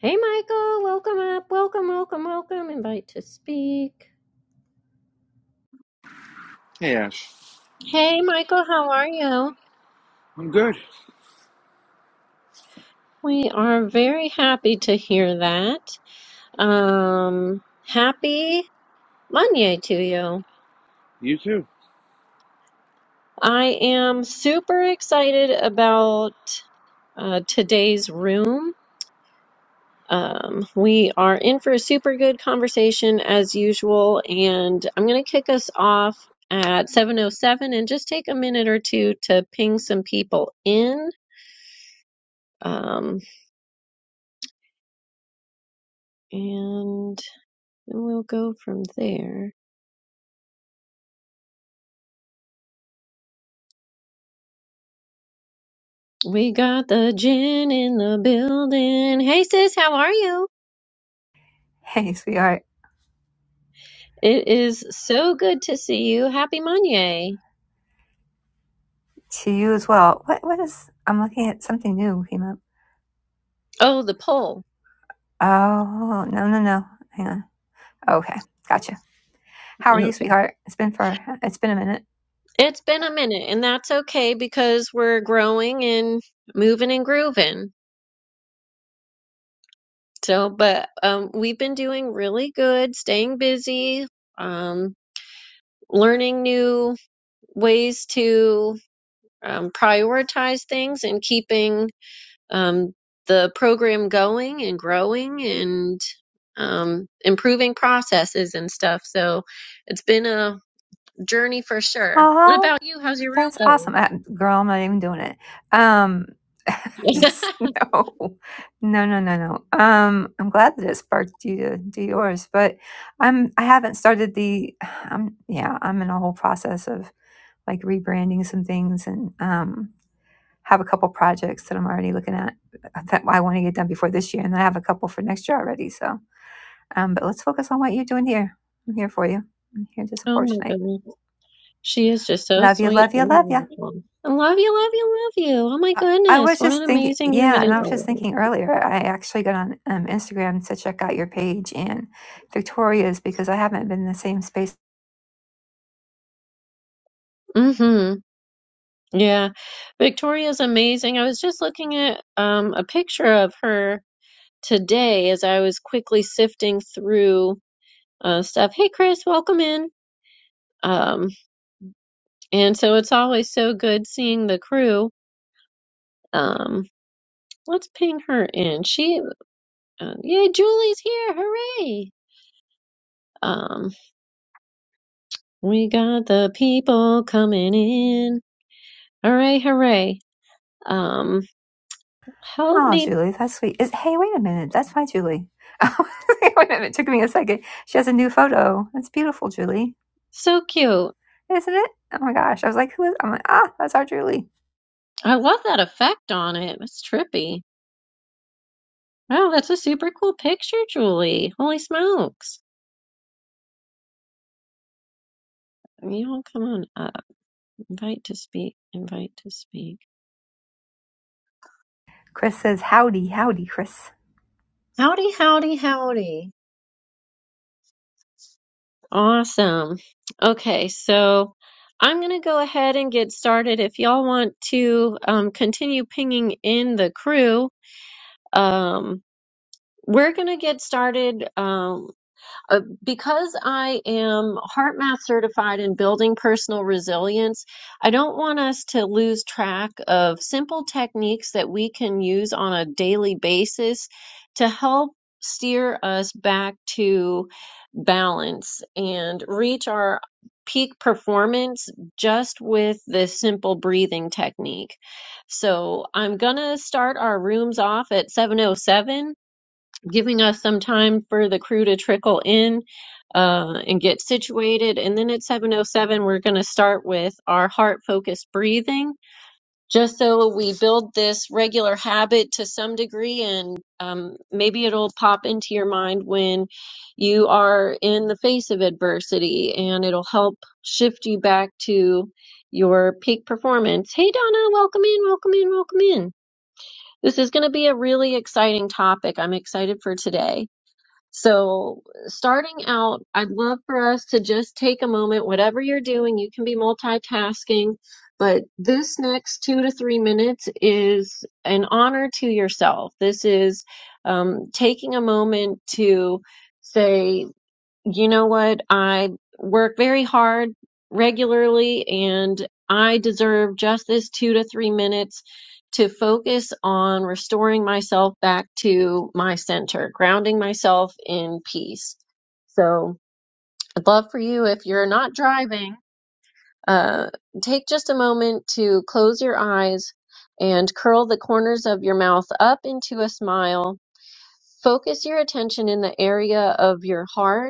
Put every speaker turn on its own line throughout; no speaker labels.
Hey, Michael, welcome up. Welcome, welcome, welcome. Invite to speak.
Hey Ash,
Hey, Michael, how are you?
I'm good.
We are very happy to hear that. Um, happy Monday to you.
You too.
I am super excited about uh, today's room. Um, we are in for a super good conversation as usual, and I'm going to kick us off at 7:07 and just take a minute or two to ping some people in Um, and then we'll go from there. We got the gin in the building. Hey sis, how are you?
Hey, sweetheart.
It is so good to see you. Happy Monday.
To you as well. What? What is? I'm looking at something new came up.
Oh, the poll.
Oh no no no. Hang on. Okay, gotcha. How are you,
Okay.
sweetheart? It's been for. It's been a minute.
It's been a minute, and that's okay because we're growing and moving and grooving. So, but um, we've been doing really good, staying busy, um, learning new ways to um, prioritize things and keeping um, the program going and growing and um, improving processes and stuff. So it's been a journey for sure. What
Oh,
about you? How's your room
that's awesome,
going?
Uh, girl. I'm not even doing it. Um, I just no, no, no, no, no. Um, I'm glad that it sparked you to do yours, but I'm. I haven't started the. Um, yeah, I'm in a whole process of like rebranding some things and um, have a couple projects that I'm already looking at that I want to get done before this year. And then I have a couple for next year already. So, um, but let's focus on what you're doing here. I'm here for you. I'm here to
oh
support
my
tonight.
goodness. She is just so
Love you,
sweet
love you,
and
love you.
wonderful. I love you, love you, love you. Oh my
I, I
goodness.
was
What an
just thinking,
amazing room
yeah,
it
and I
is
was just
already.
thinking earlier. I actually got on um, Instagram to check out your page and Victoria's because I haven't been in the same space
Mm-hmm. Yeah. Victoria's amazing. I was just looking at um, a picture of her today as I was quickly sifting through. uh, stuff. Hey, Chris, welcome in. Um, and so it's always so good seeing the crew. Um, let's ping her in. She, uh, yay, Julie's here! Hooray! Um, we got the people coming in. Hooray, hooray! Um, help
Oh,
me.
Julie, that's sweet. Is, hey, wait a minute. That's my Julie. wait a minute. It took me a second. She has a new photo. That's beautiful, Julie.
So cute.
Isn't it? Oh my gosh. I was like, who is? I'm like, ah, that's our Julie.
I love that effect on it. It's trippy. Wow, that's a super cool picture, Julie. Holy smokes. You all come on up. Invite to speak. Invite to speak.
Chris says, howdy, howdy, Chris.
Howdy, howdy, howdy. Awesome. Okay, so I'm going to go ahead and get started. If y'all want to um, continue pinging in the crew, um, we're going to get started. Um, Uh, because I am Heart Math certified in building personal resilience, I don't want us to lose track of simple techniques that we can use on a daily basis to help steer us back to balance and reach our peak performance just with this simple breathing technique. So I'm gonna start our rooms off at 7:07 giving us some time for the crew to trickle in uh, and get situated. And then at 7:07, we're going to start with our heart-focused breathing, just so we build this regular habit to some degree, and um, maybe it'll pop into your mind when you are in the face of adversity, and it'll help shift you back to your peak performance. Hey, Donna, welcome in, welcome in, welcome in. This is going to be a really exciting topic. I'm excited for today. So, starting out, I'd love for us to just take a moment, whatever you're doing, you can be multitasking, but this next two to three minutes is an honor to yourself. This is um, taking a moment to say, you know what? I work very hard regularly and I deserve just this two to three minutes to focus on restoring myself back to my center, grounding myself in peace. So I'd love for you, if you're not driving, uh, take just a moment to close your eyes and curl the corners of your mouth up into a smile. Focus your attention in the area of your heart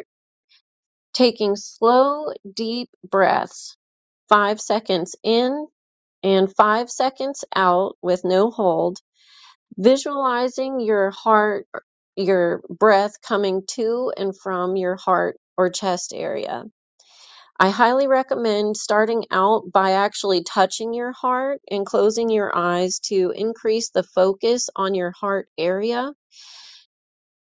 taking slow, deep breaths, five seconds in and five seconds out with no hold, visualizing your heart, your breath coming to and from your heart or chest area. I highly recommend starting out by actually touching your heart and closing your eyes to increase the focus on your heart area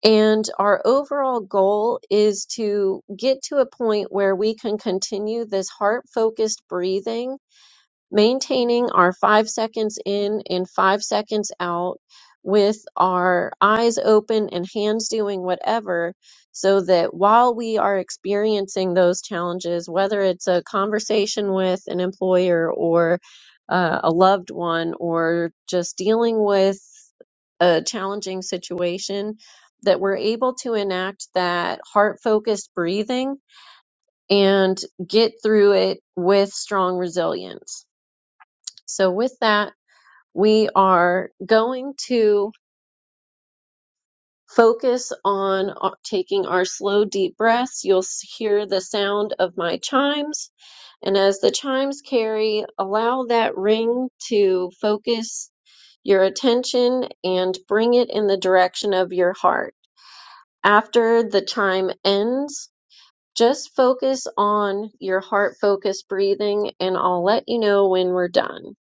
and our overall goal is to get to a point where we can continue this heart focused breathing maintaining our five seconds in and five seconds out with our eyes open and hands doing whatever so that while we are experiencing those challenges, whether it's a conversation with an employer or uh, a loved one or just dealing with a challenging situation, that we're able to enact that heart focused breathing and get through it with strong resilience. So, with that, we are going to focus on uh, taking our slow, deep breaths. You'll s- hear the sound of my chimes. And as the chimes carry, allow that ring to focus your attention and bring it in the direction of your heart. After the chime ends, just focus on your heart focused breathing, and I'll let you know when we're done.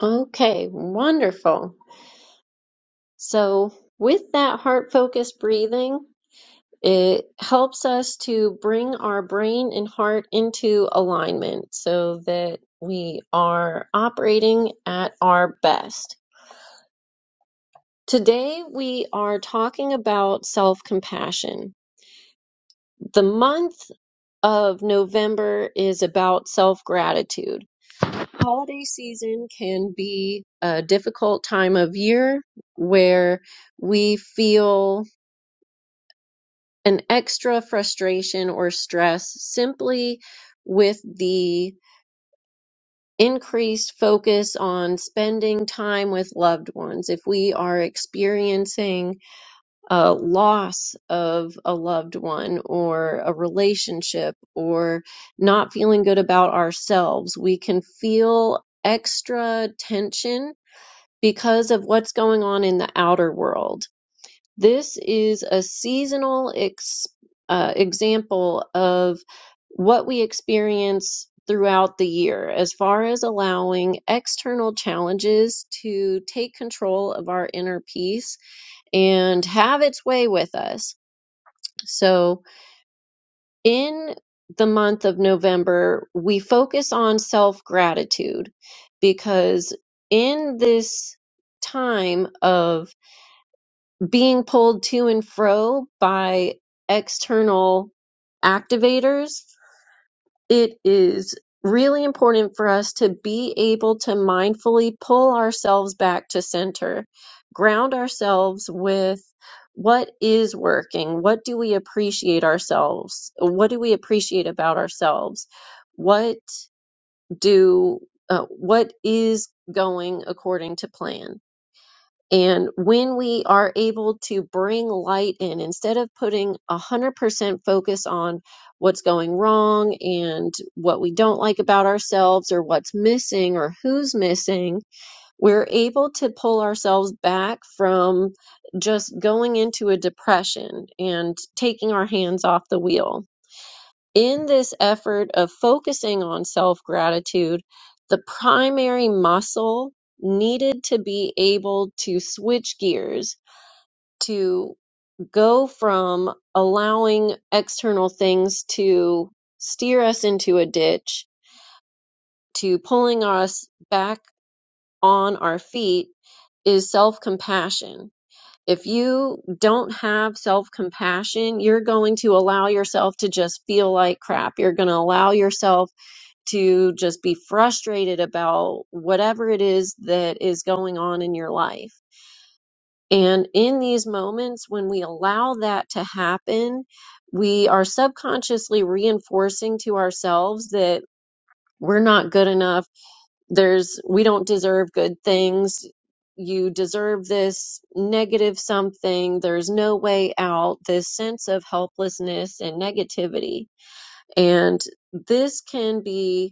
Okay, wonderful. So, with that heart focused breathing, it helps us to bring our brain and heart into alignment so that we are operating at our best. Today, we are talking about self compassion. The month of November is about self gratitude. Holiday season can be a difficult time of year where we feel an extra frustration or stress simply with the increased focus on spending time with loved ones. If we are experiencing a loss of a loved one or a relationship or not feeling good about ourselves, we can feel extra tension because of what's going on in the outer world this is a seasonal ex, uh, example of what we experience throughout the year as far as allowing external challenges to take control of our inner peace and have its way with us. So, in the month of November, we focus on self gratitude because in this time of being pulled to and fro by external activators, it is really important for us to be able to mindfully pull ourselves back to center, ground ourselves with what is working, what do we appreciate ourselves, what do we appreciate about ourselves, what do uh, what is going according to plan and when we are able to bring light in, instead of putting 100% focus on what's going wrong and what we don't like about ourselves or what's missing or who's missing, we're able to pull ourselves back from just going into a depression and taking our hands off the wheel. In this effort of focusing on self gratitude, the primary muscle needed to be able to switch gears, to go from allowing external things to steer us into a ditch, to pulling us back on our feet, is self compassion. If you don't have self compassion, you're going to allow yourself to just feel like crap. You're going to allow yourself to just be frustrated about whatever it is that is going on in your life. And in these moments, when we allow that to happen, we are subconsciously reinforcing to ourselves that we're not good enough. There's, we don't deserve good things. You deserve this negative something. There's no way out. This sense of helplessness and negativity. And this can be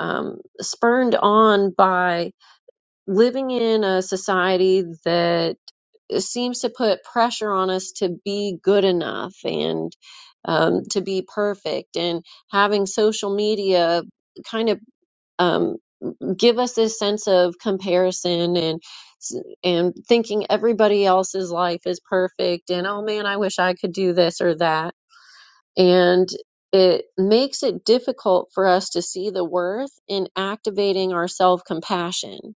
um, spurned on by living in a society that seems to put pressure on us to be good enough and um, to be perfect, and having social media kind of um, give us this sense of comparison and and thinking everybody else's life is perfect and oh man, I wish I could do this or that and it makes it difficult for us to see the worth in activating our self compassion.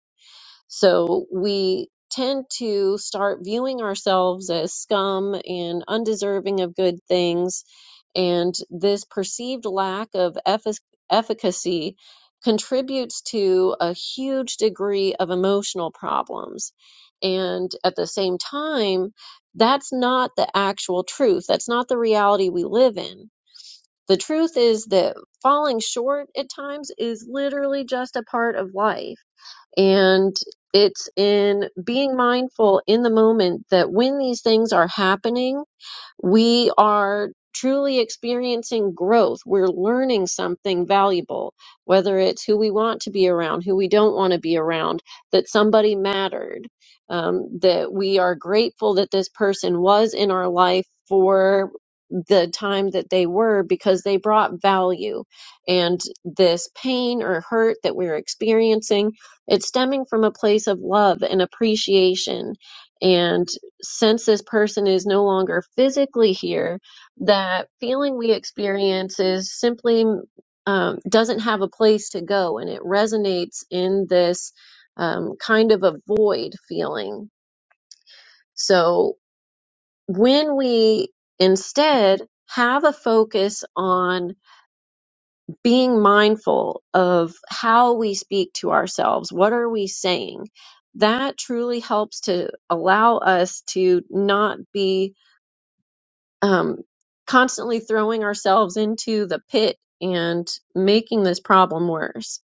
So we tend to start viewing ourselves as scum and undeserving of good things. And this perceived lack of effic- efficacy contributes to a huge degree of emotional problems. And at the same time, that's not the actual truth. That's not the reality we live in the truth is that falling short at times is literally just a part of life. And it's in being mindful in the moment that when these things are happening, we are truly experiencing growth. We're learning something valuable, whether it's who we want to be around, who we don't want to be around, that somebody mattered, um, that we are grateful that this person was in our life for the time that they were because they brought value. And this pain or hurt that we're experiencing, it's stemming from a place of love and appreciation. and since this person is no longer physically here, that feeling we experience is simply um, doesn't have a place to go and it resonates in this um, kind of a void feeling. So when we instead have a focus on being mindful of how we speak to ourselves, what are we saying? That truly helps to allow us to not be um, constantly throwing ourselves into the pit and making this problem worse.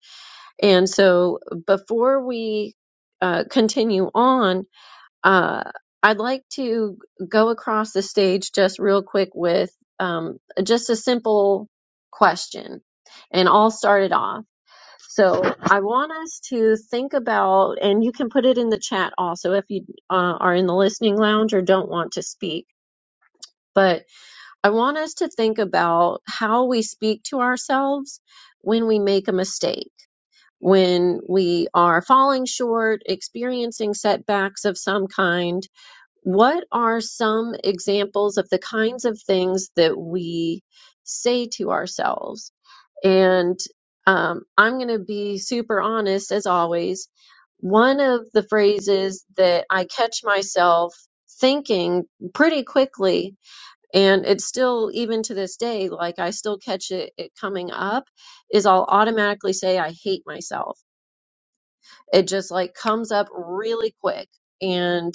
And so, before we uh, continue on, uh, I'd like to go across the stage just real quick with um, just a simple question. And I'll start it off. So I want us to think about, and you can put it in the chat also if you uh, are in the listening lounge or don't want to speak. But I want us to think about how we speak to ourselves when we make a mistake, when we are falling short, experiencing setbacks of some kind. What are some examples of the kinds of things that we say to ourselves? And um, I'm going to be super honest as always. One of the phrases that I catch myself thinking pretty quickly and it's still, even to this day, like I still catch it, it coming up, is I'll automatically say, I hate myself. It just like comes up really quick. And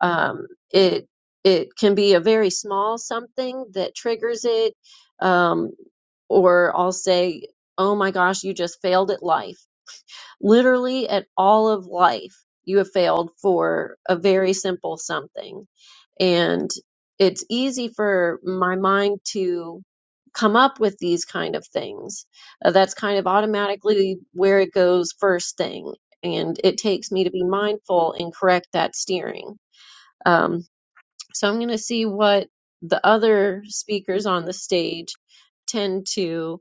um, it, it can be a very small something that triggers it. Um, or I'll say, Oh my gosh, you just failed at life. Literally at all of life, you have failed for a very simple something and it's easy for my mind to come up with these kind of things Uh, that's kind of automatically where it goes first thing and it takes me to be mindful and correct that steering um, so i'm going to see what the other speakers on the stage tend to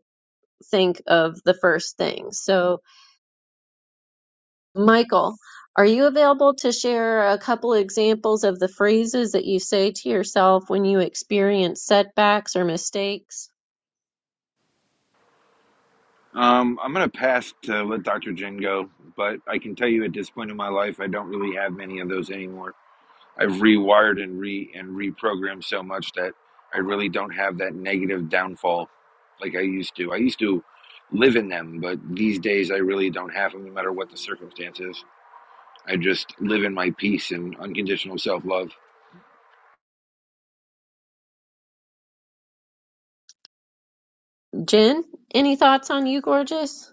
think of the first thing so Michael, are you available to share a couple examples of the phrases that you say to yourself when you experience setbacks or mistakes?
Um, I'm gonna pass to let Dr. Jen go, but I can tell you at this point in my life, I don't really have many of those anymore. I've rewired and re and reprogrammed so much that I really don't have that negative downfall like I used to. I used to live in them, but these days I really don't have them, no matter what the circumstances. I just live in my peace and unconditional self love.
Jen, any thoughts on you, gorgeous?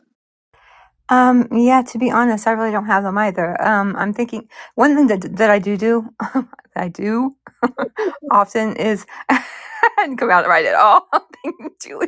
Um, yeah, to be honest, I really don't have them either. Um, I'm thinking one thing that, that I do do, that I do often is, I didn't come out right at all. Julie.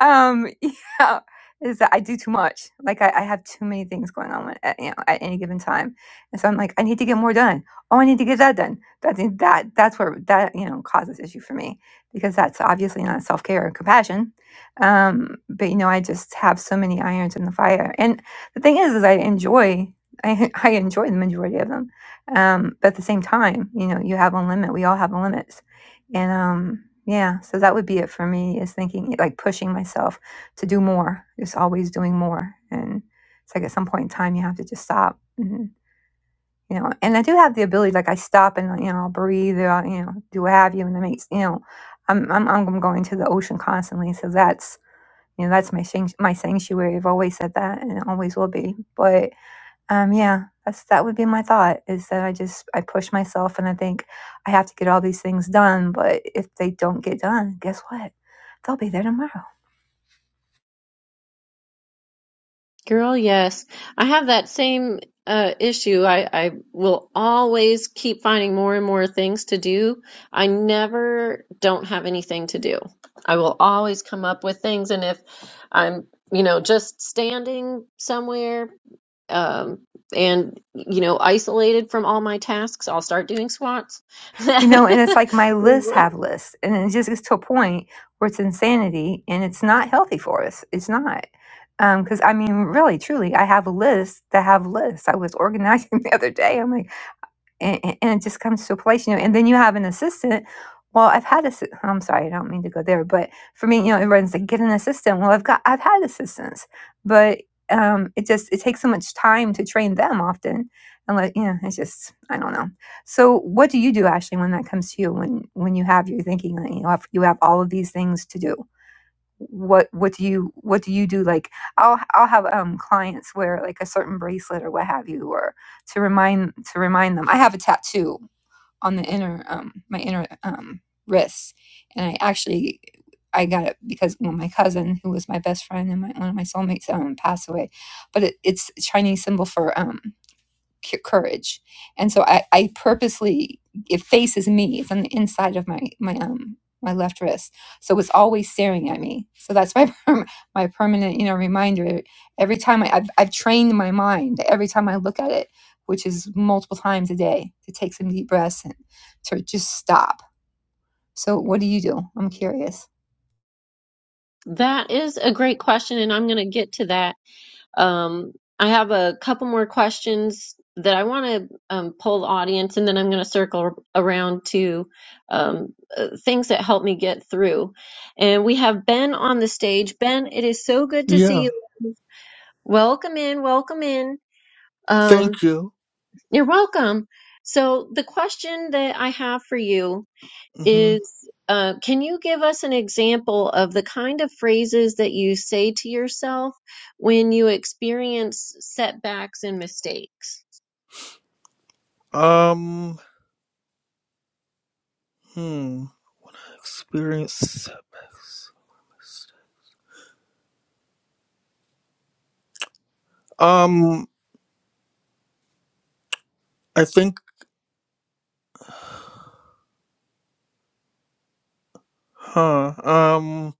um, yeah, is that I do too much. Like I, I have too many things going on at, you know, at any given time, and so I'm like, I need to get more done. Oh, I need to get that done. That's that. That's where that you know causes issue for me because that's obviously not self care or compassion. Um, but you know, I just have so many irons in the fire, and the thing is, is I enjoy. I, I enjoy the majority of them, um, but at the same time, you know, you have a limit. We all have a limit. And um, yeah, so that would be it for me is thinking like pushing myself to do more, just always doing more. And it's like at some point in time you have to just stop. And, you know, and I do have the ability, like I stop and you know, I'll breathe, or I'll, you know, do what have you, and I make you know, I'm I'm I'm going to the ocean constantly, so that's you know that's my shanc- my sanctuary. I've always said that, and it always will be. but. Um, yeah, that's that would be my thought is that I just I push myself and I think I have to get all these things done, but if they don't get done, guess what? They'll be there tomorrow.
Girl, yes. I have that same uh, issue. I, I will always keep finding more and more things to do. I never don't have anything to do. I will always come up with things. And if I'm, you know, just standing somewhere um, and you know isolated from all my tasks i'll start doing swats
You know, and it's like my lists
that
have lists and it just gets to a point where it's insanity and it's not healthy for us. It's not. um, because I mean, really, truly, I have lists that have lists. I was organizing the other day. I'm like, and, and it just comes to a place, you know, and then you have an assistant. Well, I've had a, I'm sorry, I don't mean to go there, but for me, you know, everyone's like, get an assistant. Well, I've got, I've had assistants, but um, it just, it takes so much time to train them often. And like, you know, it's just, I don't know. So what do you do, Ashley, when that comes to you, when, when you have, you're thinking, like, you have, you have all of these things to do? what what do you what do you do like i'll i'll have um clients wear like a certain bracelet or what have you or to remind to remind them i have a tattoo on the inner um my inner um wrist and i actually i got it because well my cousin who was my best friend and my, one of my soulmates um passed away but it, it's a chinese symbol for um courage. And so I, I purposely, it faces me. It's on the inside of my, my, um, my left wrist. So it's always staring at me. So that's my, perm- my permanent, you know, reminder. Every time I, I've, I've trained my mind, every time I look at it, which is multiple times a day to take some deep breaths and to just stop. So what do you do? I'm curious.
is a great question and i'm going to get to that um, i have a couple more questions that i want to um, poll the audience and then i'm going to circle around to um, uh, things that help me get through and we have ben on the stage ben it is so good to see
Yeah,
you welcome in welcome in Um.
thank you.
You're welcome. So, the question that I have for you
hmm
is uh, Can you give us an example of the kind of phrases that you say to yourself when you experience setbacks and mistakes?
Um, hmm, experience setbacks. Um, I think, huh? Um,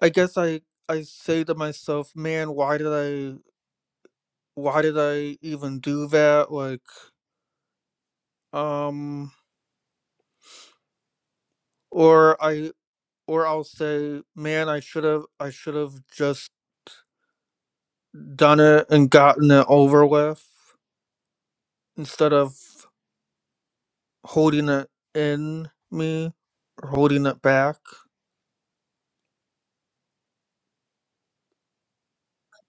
I guess I I say to myself, man, why did I why did I even do that? Like, um, or I or I'll say, man, I should have I should have just done it and gotten it over with instead of holding it in me or holding it back.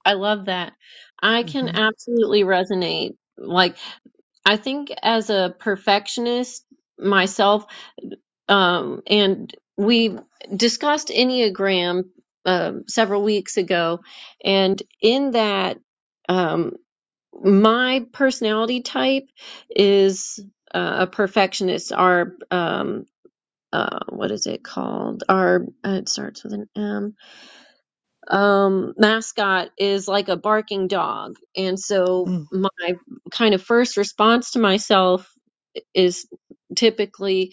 I love that. I can
Mm-hmm.
absolutely resonate. Like, I think as a perfectionist, myself. Um, and we discussed Enneagram um, several weeks ago, and in that, um, my personality type is uh, a perfectionist. Our um, uh, what is it called? Our uh, it starts with an M. Um, mascot is like a barking dog, and so my kind of first response to myself is typically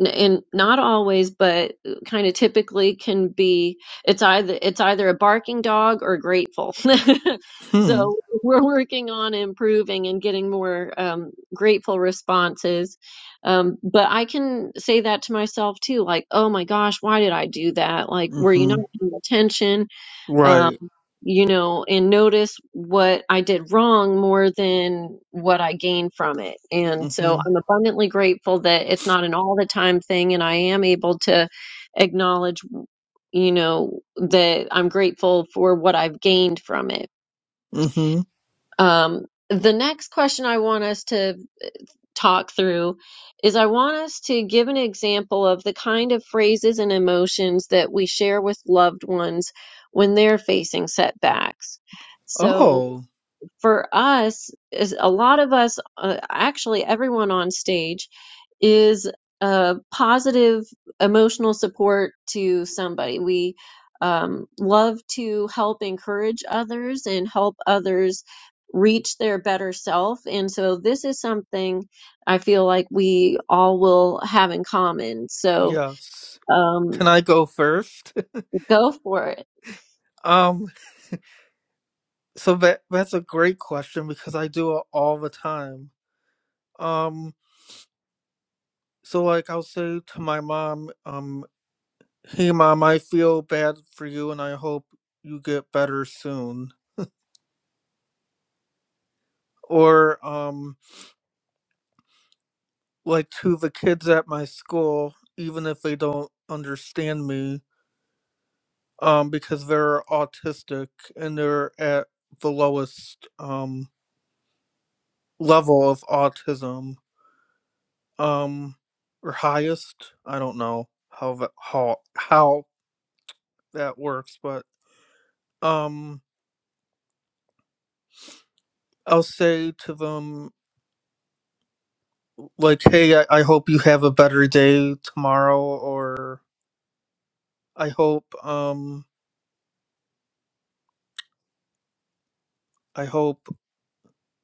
n- and not always, but kind of typically can be it's either it's either a barking dog or grateful.
Mm-hmm.
So we're working on improving and getting more um, grateful responses. Um, but I can say that to myself too, like, oh my gosh, why did I do that? Like, were you
Mm-hmm.
not paying attention? um,
Right.
you know, and notice what I did wrong more than what I gained from it. And so
Mm-hmm.
I'm abundantly grateful that it's not an all the time thing, and I am able to acknowledge, you know, that I'm grateful for what I've gained from it.
Mm-hmm.
Um, the next question I want us to talk through is I want us to give an example of the kind of phrases and emotions that we share with loved ones when they're facing setbacks. So
Oh,
for us is a lot of us uh, actually everyone on stage is a positive emotional support to somebody we um, love to help encourage others and help others reach their better self and so this is something i feel like we all will have in common so
yes.
um,
Can I go first?
go for it
um, so that that's a great question because I do it all the time. Um, so like I'll say to my mom, um, hey mom, I feel bad for you and I hope you get better soon. Or um like to the kids at my school, even if they don't understand me, um, because they're autistic and they're at the lowest um, level of autism um, or highest. I don't know how that, how how that works, but um, I'll say to them like, "Hey, I, I hope you have a better day tomorrow," or "I hope um, I hope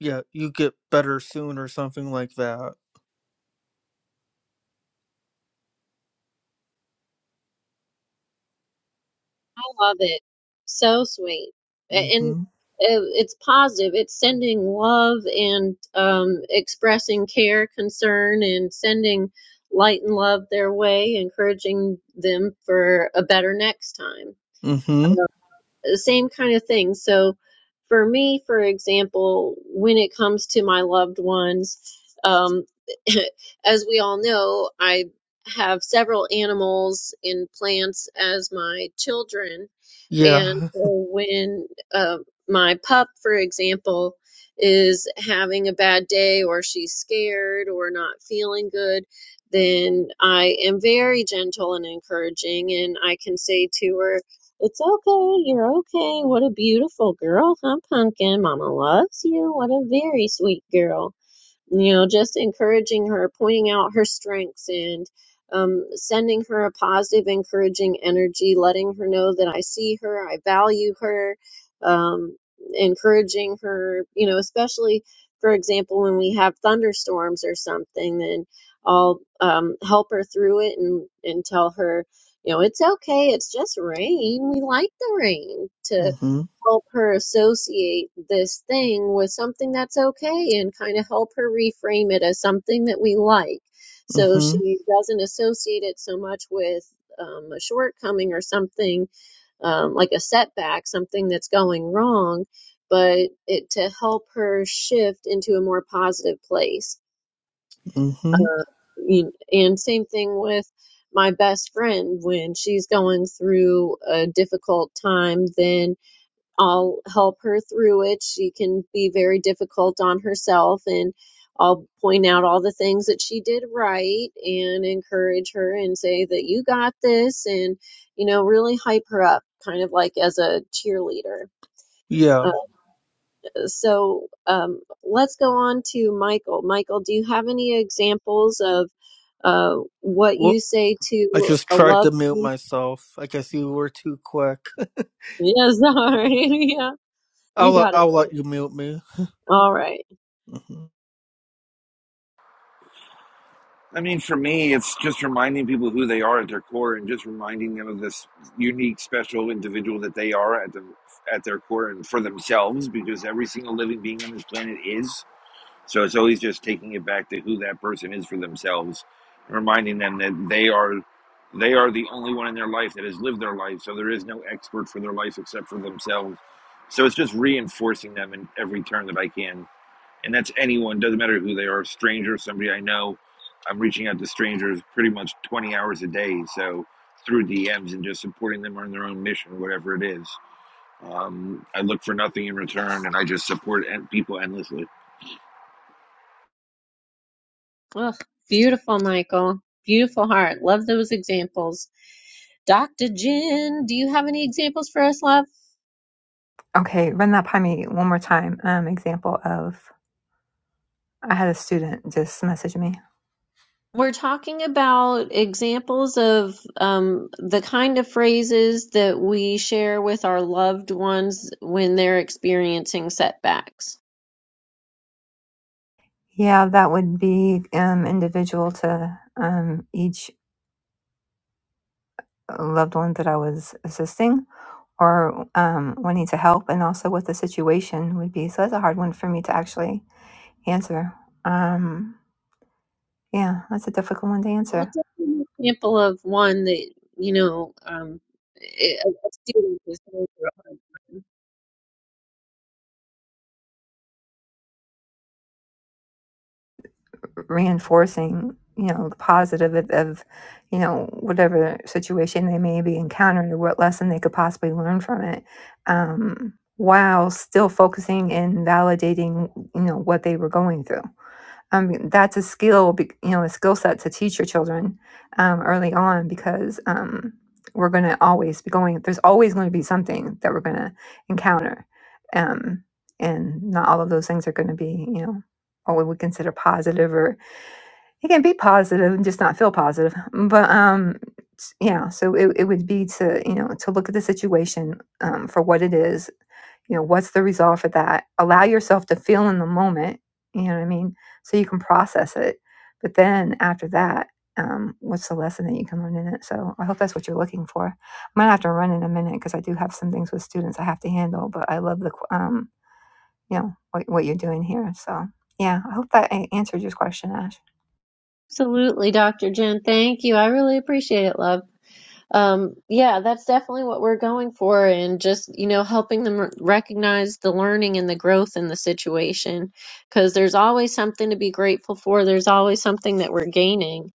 yeah you get better soon," or something like that.
love it. So sweet. A- And
Mm-hmm.
uh, it's positive. It's sending love and um, expressing care, concern, and sending light and love their way, encouraging them for a better next time.
Mm-hmm.
The same kind of thing. So, for me, for example, when it comes to my loved ones, um, as we all know, I have several animals and plants as my children and
Yeah.
so when uh, my pup, for example, is having a bad day or she's scared or not feeling good, then I am very gentle and encouraging. And I can say to her, It's okay, you're okay. What a beautiful girl, huh, Pumpkin? Mama loves you. What a very sweet girl you know, just encouraging her, pointing out her strengths, and um, sending her a positive, encouraging energy, letting her know that I see her, I value her, um, encouraging her, you know, especially for example, when we have thunderstorms or something, then I'll um, help her through it and, and tell her, you know, it's okay, it's just rain. We like the rain To
Mm-hmm.
help her associate this thing with something that's okay and kind of help her reframe it as something that we like. So
Mm-hmm.
she doesn't associate it so much with um, a shortcoming or something um, like a setback, something that's going wrong, but it to help her shift into a more positive place.
Mm-hmm.
And same thing with my best friend when she's going through a difficult time, then I'll help her through it. She can be very difficult on herself, and I'll point out all the things that she did right and encourage her and say that you got this and, you know, really hype her up, kind of like as a cheerleader.
Yeah.
Uh, so um, let's go on to Michael. Michael, do you have any examples of uh, what
Well,
you say
I
to
just
a
tried to
love?
mute myself. I guess you were too quick.
Yes, sorry. yeah,
I'll
you
let-
got it.
I'll let
babe.
you mute me.
All right.
Mhm.
I mean, for me, it's just reminding people who they are at their core, and just reminding them of this unique, special individual that they are at the at their core, and for themselves, because every single living being on this planet is. So it's always just taking it back to who that person is for themselves, and reminding them that they are they are the only one in their life that has lived their life. So there is no expert for their life except for themselves. So it's just reinforcing them in every turn that I can and that's anyone doesn't matter who they are stranger somebody i know i'm reaching out to strangers pretty much 20 hours a day so through dms and just supporting them on their own mission whatever it is um, i look for nothing in return and i just support people endlessly
Oh, beautiful, Michael. Beautiful heart. Love those examples. Dr. Jen, do you have any examples for us, love?
Okay. Run that by me one more time. Um, example of, I had a student just message me.
We're talking about examples of um, the kind of phrases that we share with our loved ones when they're experiencing setbacks.
Yeah, that would be um, individual to um, each uh, loved one that I was assisting or um, wanting to help, and also what the situation would be. So that's a hard one for me to actually answer. Um, yeah, that's a difficult one to
Well,
answer.
just an example of one that, you know, um, a a student is going through a hard time.
reinforcing you know the positive of, of you know whatever situation they may be encountering or what lesson they could possibly learn from it um, while still focusing and validating you know what they were going through Um, that's a skill be- you know a skill set to teach your children um, early on because um, we're going to always be going there's always going to be something that we're going to encounter um, and not all of those things are going to be you know what we would consider positive or it can be positive and just not feel positive but um yeah so it, it would be to you know to look at the situation um, for what it is you know what's the result for that allow yourself to feel in the moment you know what i mean so you can process it but then after that um, what's the lesson that you can learn in it so i hope that's what you're looking for i'm gonna have to run in a minute because i do have some things with students i have to handle but i love the qu- um, you know what, what you're doing here so yeah i hope that a- answered your question ash
Absolutely, Dr. Jen. Thank you. I really appreciate it, love. Um, yeah, that's definitely what we're going for, and just, you know, helping them r- recognize the learning and the growth in the situation, because there's always something to be grateful for. There's always something that we're gaining.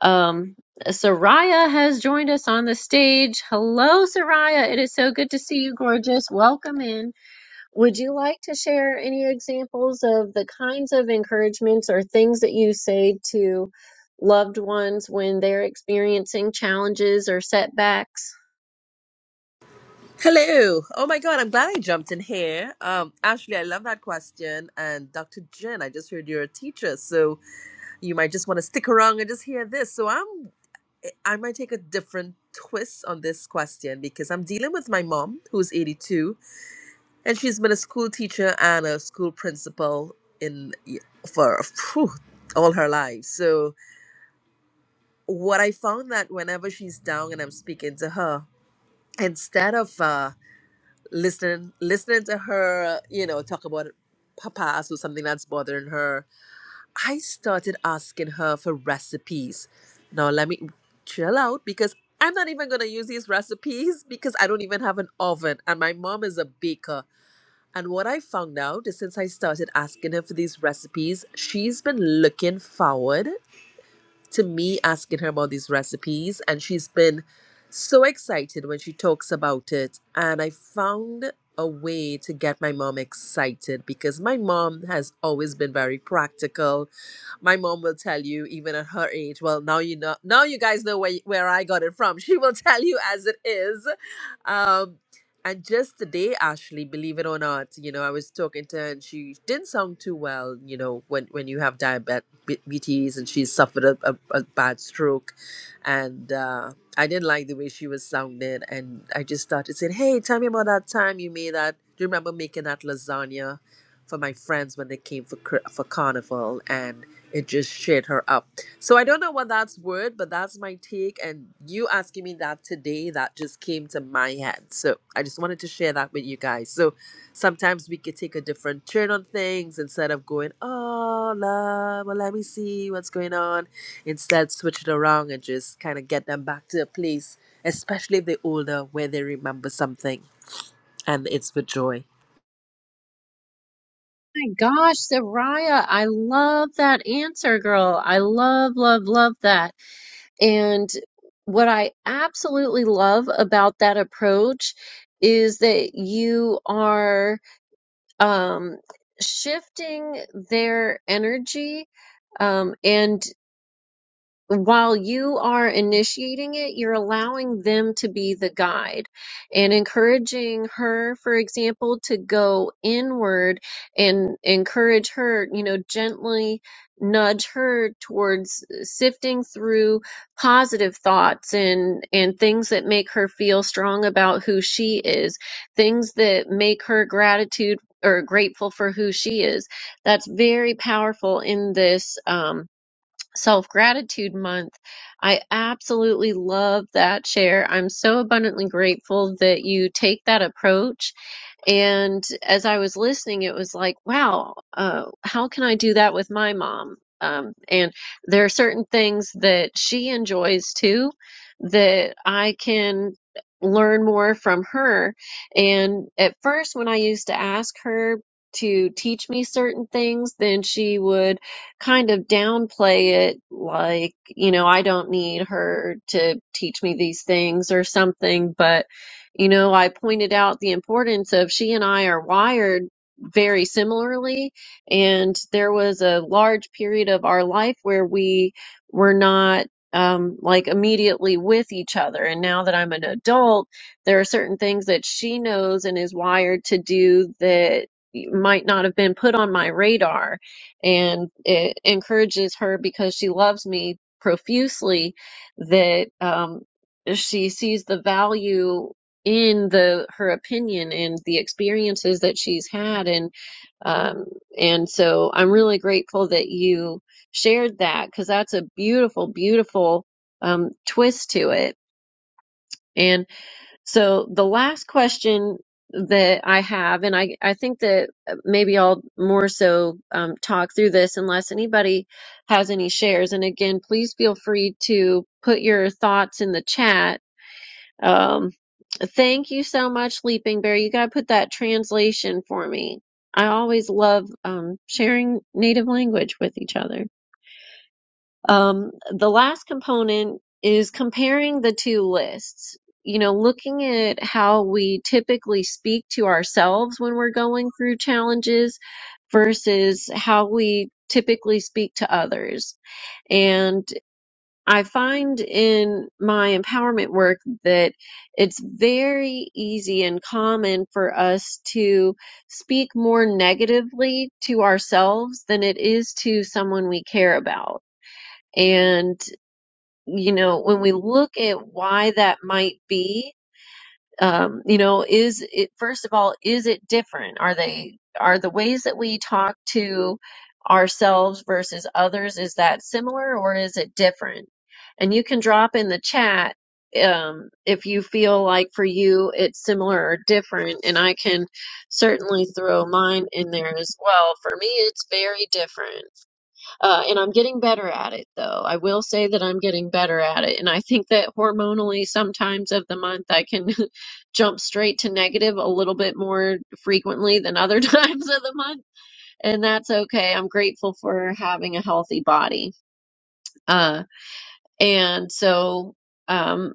Um, Soraya has joined us on the stage. Hello, Soraya. It is so good to see you, gorgeous. Welcome in. Would you like to share any examples of the kinds of encouragements or things that you say to loved ones when they're experiencing challenges or setbacks?
Hello. Oh my God, I'm glad I jumped in here. Um, Ashley, I love that question. And Dr. Jen, I just heard you're a teacher, so you might just want to stick around and just hear this. So I'm I might take a different twist on this question because I'm dealing with my mom, who's 82, and she's been a school teacher and a school principal in for phew, all her life. So what I found that whenever she's down and I'm speaking to her, instead of uh listening listening to her, you know, talk about her past or something that's bothering her. I started asking her for recipes. Now let me chill out because I'm not even gonna use these recipes because I don't even have an oven and my mom is a baker. And what I found out is since I started asking her for these recipes, she's been looking forward to me asking her about these recipes and she's been so excited when she talks about it and i found a way to get my mom excited because my mom has always been very practical my mom will tell you even at her age well now you know now you guys know where, where i got it from she will tell you as it is um and just today ashley believe it or not you know i was talking to her and she didn't sound too well you know when when you have diabetes and she's suffered a, a, a bad stroke and uh I didn't like the way she was sounding, and I just started saying, "Hey, tell me about that time you made that. Do you remember making that lasagna for my friends when they came for cr- for carnival?" And it just shit her up. So I don't know what that's word, but that's my take. And you asking me that today, that just came to my head. So I just wanted to share that with you guys. So sometimes we could take a different turn on things instead of going, oh, love, well, let me see what's going on. Instead, switch it around and just kind of get them back to a place, especially if they're older, where they remember something and it's with joy.
My gosh, Soraya, I love that answer, girl. I love, love, love that. And what I absolutely love about that approach is that you are um, shifting their energy um, and. while you are initiating it, you're allowing them to be the guide and encouraging her, for example, to go inward and encourage her, you know, gently nudge her towards sifting through positive thoughts and and things that make her feel strong about who she is, things that make her gratitude or grateful for who she is. That's very powerful in this um Self Gratitude Month. I absolutely love that share. I'm so abundantly grateful that you take that approach and as I was listening, it was like, wow, uh, how can I do that with my mom? Um, and there are certain things that she enjoys too that I can learn more from her. And at first, when I used to ask her to teach me certain things, then she would kind of downplay it, like, you know, I don't need her to teach me these things or something. But you know, I pointed out the importance of she and I are wired very similarly, and there was a large period of our life where we were not um, like immediately with each other. And now that I'm an adult, there are certain things that she knows and is wired to do that might not have been put on my radar. And it encourages her because she loves me profusely that um, she sees the value in the her opinion and the experiences that she's had and um and so I'm really grateful that you shared that because that's a beautiful beautiful um twist to it and so the last question that I have and I I think that uh, maybe I'll more so um talk through this unless anybody has any shares and again please feel free to put your thoughts in the chat um, thank you so much, Leaping Bear. You gotta put that translation for me. I always love um, sharing native language with each other. Um, the last component is comparing the two lists. You know, looking at how we typically speak to ourselves when we're going through challenges versus how we typically speak to others. And I find in my empowerment work that it's very easy and common for us to speak more negatively to ourselves than it is to someone we care about. And, you know, when we look at why that might be, um, you know is it first of all is it different are they are the ways that we talk to ourselves versus others is that similar or is it different and you can drop in the chat um, if you feel like for you it's similar or different and i can certainly throw mine in there as well for me it's very different uh, and I'm getting better at it, though. I will say that I'm getting better at it. And I think that hormonally, sometimes of the month, I can jump straight to negative a little bit more frequently than other times of the month. And that's okay. I'm grateful for having a healthy body. Uh, and so. Um,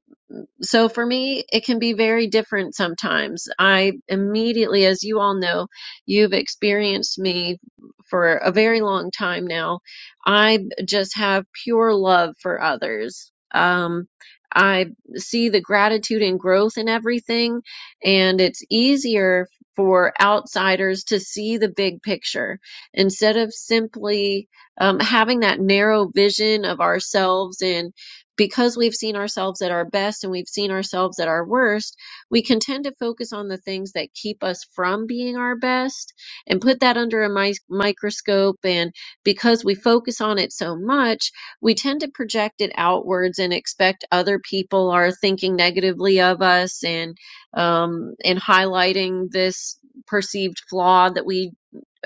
so for me, it can be very different sometimes. I immediately, as you all know, you've experienced me for a very long time now. I just have pure love for others. Um, I see the gratitude and growth in everything, and it's easier for outsiders to see the big picture instead of simply um, having that narrow vision of ourselves and because we've seen ourselves at our best and we've seen ourselves at our worst, we can tend to focus on the things that keep us from being our best and put that under a mi- microscope. And because we focus on it so much, we tend to project it outwards and expect other people are thinking negatively of us and um, and highlighting this perceived flaw that we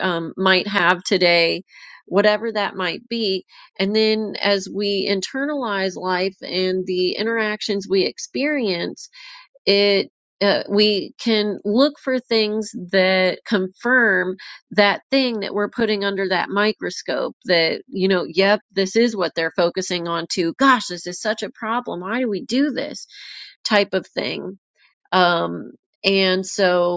um, might have today, whatever that might be. And then as we internalize life and the interactions we experience, it uh, we can look for things that confirm that thing that we're putting under that microscope that, you know, yep, this is what they're focusing on to. Gosh, this is such a problem. Why do we do this type of thing? Um, and so,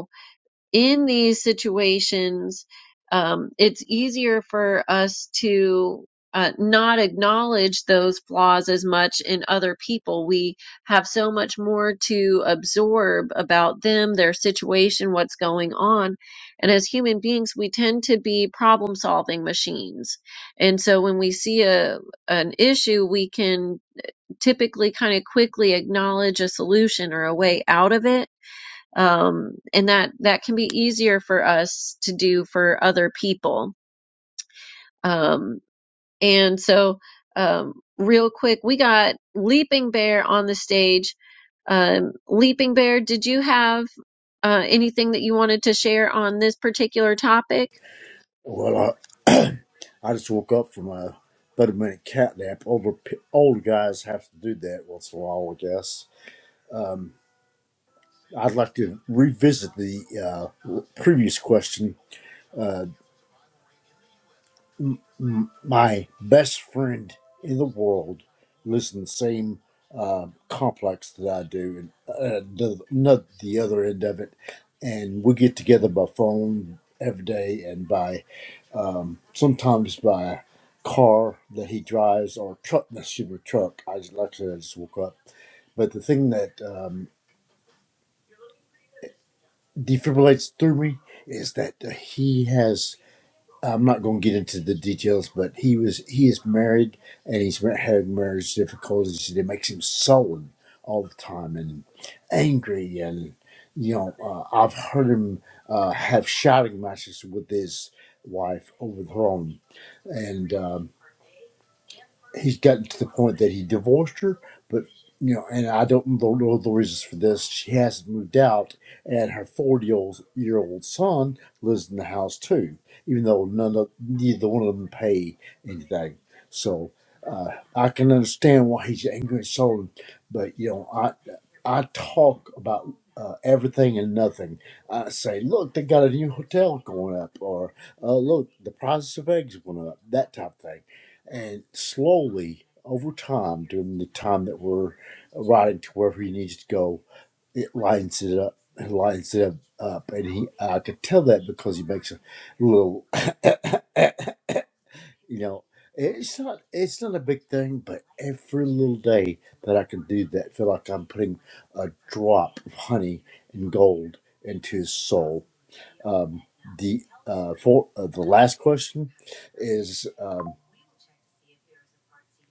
in these situations, um, it's easier for us to uh, not acknowledge those flaws as much in other people. We have so much more to absorb about them, their situation, what's going on. And as human beings, we tend to be problem solving machines. And so when we see a, an issue, we can typically kind of quickly acknowledge a solution or a way out of it um, and that that can be easier for us to do for other people. Um, and so, um, real quick, we got Leaping Bear on the stage. Um, Leaping Bear, did you have uh, anything that you wanted to share on this particular topic?
Well, I, I just woke up from a 30 minute cat nap. Older, p- older guys have to do that once in a while, I guess. I'd like to revisit the uh, previous question. M- My best friend in the world lives in the same uh, complex that I do, and uh, the, not the other end of it. And we get together by phone every day and by um, sometimes by car that he drives or truck, not super truck. I just, like I said, I just woke up. But the thing that um, defibrillates through me is that he has. I'm not going to get into the details, but he was he is married and he's mar- had marriage difficulties. and It makes him sullen all the time and angry and you know uh, I've heard him uh, have shouting matches with his wife over the phone and. um, he's gotten to the point that he divorced her, but you know, and I don't know the reasons for this. She hasn't moved out, and her forty-year-old son lives in the house too, even though none of neither one of them pay anything. So uh, I can understand why he's angry and sullen, but you know, I. I talk about uh, everything and nothing. I say, look, they got a new hotel going up, or uh, look, the prices of eggs went up, that type of thing. And slowly, over time, during the time that we're riding to wherever he needs to go, it lines it up. It lines it up. up. And he, I could tell that because he makes a little you know it's not it's not a big thing but every little day that i can do that I feel like i'm putting a drop of honey and gold into his soul um, the uh, for uh, the last question is um,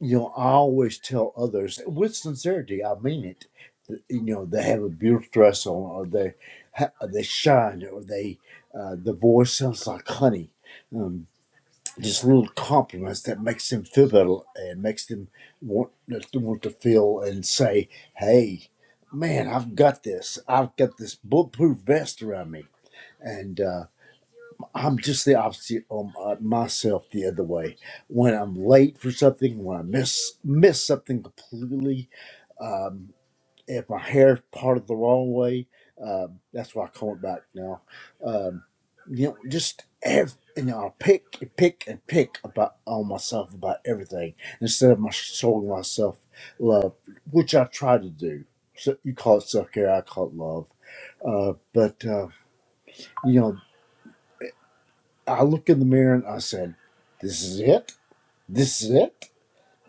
you know i always tell others with sincerity i mean it that, you know they have a beautiful dress on or they ha- or they shine or they uh, the voice sounds like honey Um, just little compliments that makes them feel better and makes them want want to feel and say, "Hey, man, I've got this. I've got this bulletproof vest around me." And uh, I'm just the opposite on uh, myself the other way. When I'm late for something, when I miss miss something completely, um, if my hair's parted the wrong way, um, that's why I comb it back now. Um, you know, just ev- you know, I pick and pick and pick about on myself about everything instead of my showing myself love, which I try to do. So you call it self care, I call it love. Uh, but uh, you know, I look in the mirror and I said, "This is it. This is it."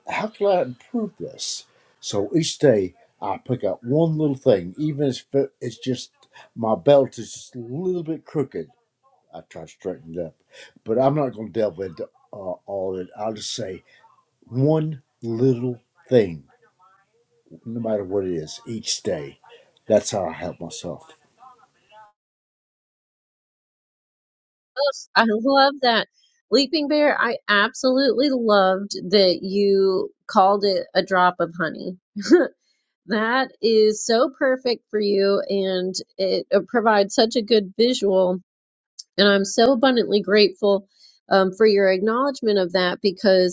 how can I improve this? So each day I pick up one little thing, even if it's just my belt is just a little bit crooked. I try to straighten it up, but I'm not going to delve into uh, all of it. I'll just say one little thing, no matter what it is, each day. That's how I help myself.
Yes, I love that. Leaping Bear, I absolutely loved that you called it a drop of honey. That is so perfect for you, and it uh, provides such a good visual. And I'm so abundantly grateful um, for your acknowledgement of that because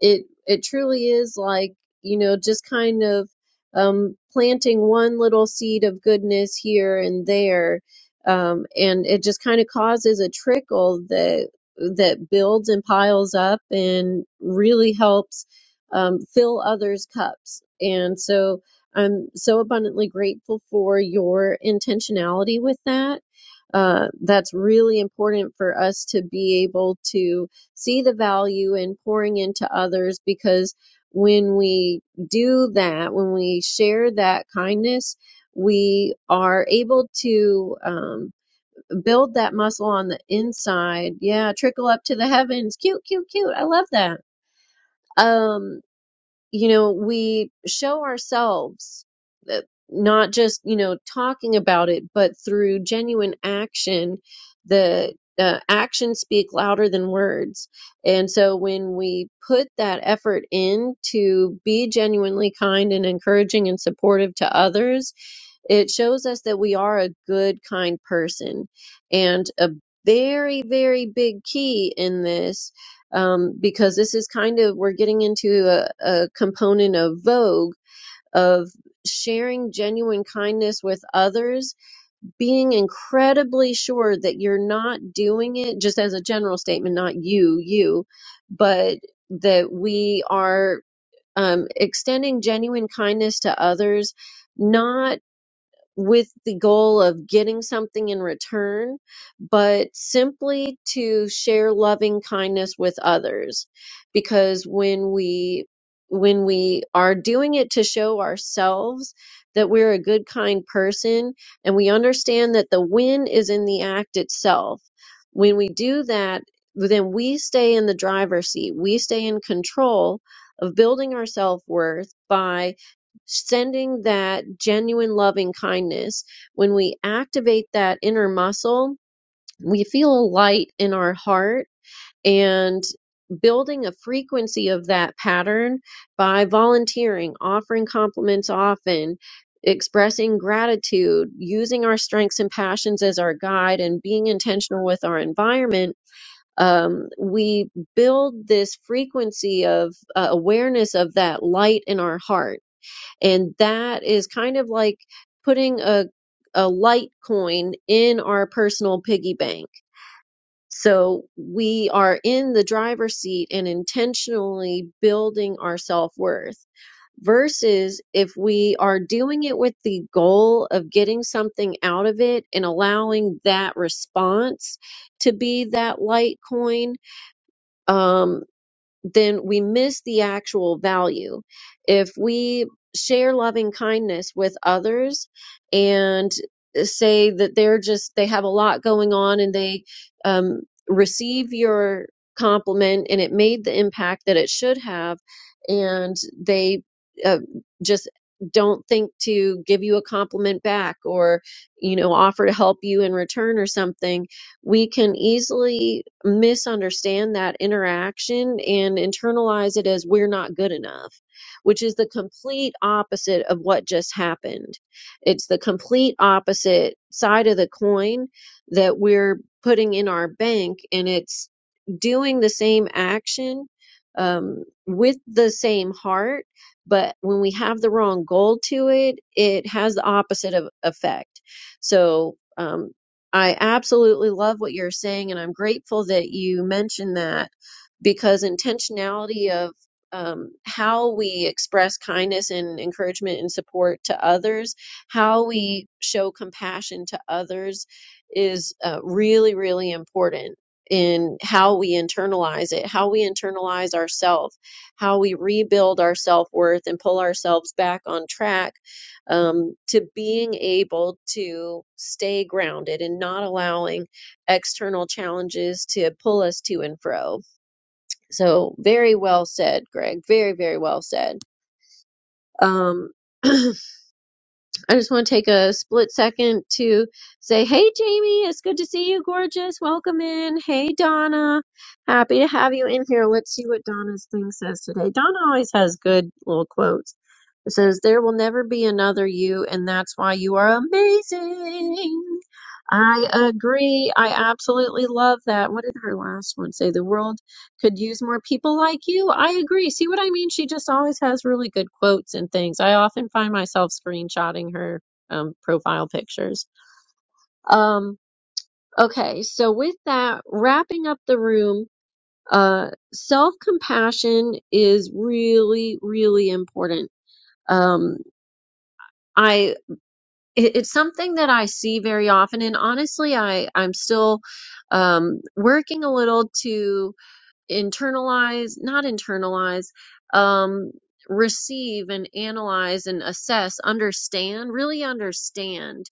it it truly is like you know just kind of um, planting one little seed of goodness here and there um, and it just kind of causes a trickle that that builds and piles up and really helps um, fill others cups and so I'm so abundantly grateful for your intentionality with that. Uh, that's really important for us to be able to see the value in pouring into others because when we do that, when we share that kindness, we are able to um, build that muscle on the inside. Yeah, trickle up to the heavens. Cute, cute, cute. I love that. Um, you know, we show ourselves uh, not just, you know, talking about it, but through genuine action, the uh, actions speak louder than words. And so when we put that effort in to be genuinely kind and encouraging and supportive to others, it shows us that we are a good, kind person. And a very, very big key in this, um, because this is kind of, we're getting into a, a component of Vogue of sharing genuine kindness with others, being incredibly sure that you're not doing it just as a general statement, not you, you, but that we are um, extending genuine kindness to others. Not with the goal of getting something in return, but simply to share loving kindness with others. Because when we when we are doing it to show ourselves that we're a good, kind person, and we understand that the win is in the act itself, when we do that, then we stay in the driver's seat. We stay in control of building our self worth by sending that genuine loving kindness, when we activate that inner muscle, we feel light in our heart and building a frequency of that pattern by volunteering, offering compliments often, expressing gratitude, using our strengths and passions as our guide, and being intentional with our environment. Um, we build this frequency of uh, awareness of that light in our heart and that is kind of like putting a a light coin in our personal piggy bank. So we are in the driver's seat and intentionally building our self-worth versus if we are doing it with the goal of getting something out of it and allowing that response to be that light coin. Um, then we miss the actual value. If we share loving kindness with others and uh, say that they're just, they have a lot going on and they um, receive your compliment and it made the impact that it should have, and they uh, just don't think to give you a compliment back or, you know, offer to help you in return or something we can easily misunderstand that interaction and internalize it as we're not good enough, which is the complete opposite of what just happened. It's the complete opposite side of the coin that we're putting in our bank, and it's doing the same action um, with the same heart. But when we have the wrong goal to it, it has the opposite of effect. So, um, I absolutely love what you're saying, and I'm grateful that you mentioned that because intentionality of um, how we express kindness and encouragement and support to others, how we show compassion to others is uh, really, really important in how we internalize it, how we internalize ourselves, how we rebuild our self worth and pull ourselves back on track um, to being able to stay grounded and not allowing external challenges to pull us to and fro. So, very well said, Greg. Very, very well said. Um, I just want to take a split second to say, hey, Jamie, it's good to see you, gorgeous. Welcome in. Hey, Donna. Happy to have you in here. Let's see what Donna's thing says today. Donna always has good little quotes. It says, There will never be another you, and that's why you are amazing. I agree. I absolutely love that. What did her last one say? The world could use more people like you. I agree. See what I mean? She just always has really good quotes and things. I often find myself screenshotting her um, profile pictures. Um, okay, so with that, wrapping up the room, uh, self compassion is really, really important. Um, I it, it's something that I see very often, and honestly, I I'm still um, working a little to internalize, not internalize, um, receive and analyze and assess, understand, really understand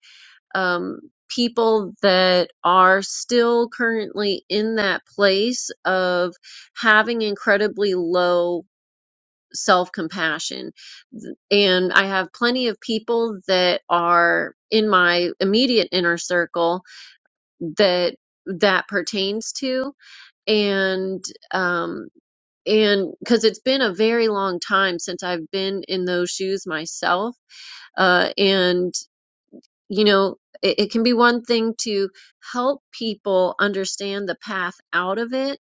um, people that are still currently in that place of having incredibly low self compassion. And I have plenty of people that are in my immediate inner circle that that pertains to and um and because it's been a very long time since I've been in those shoes myself uh and you know it, it can be one thing to help people understand the path out of it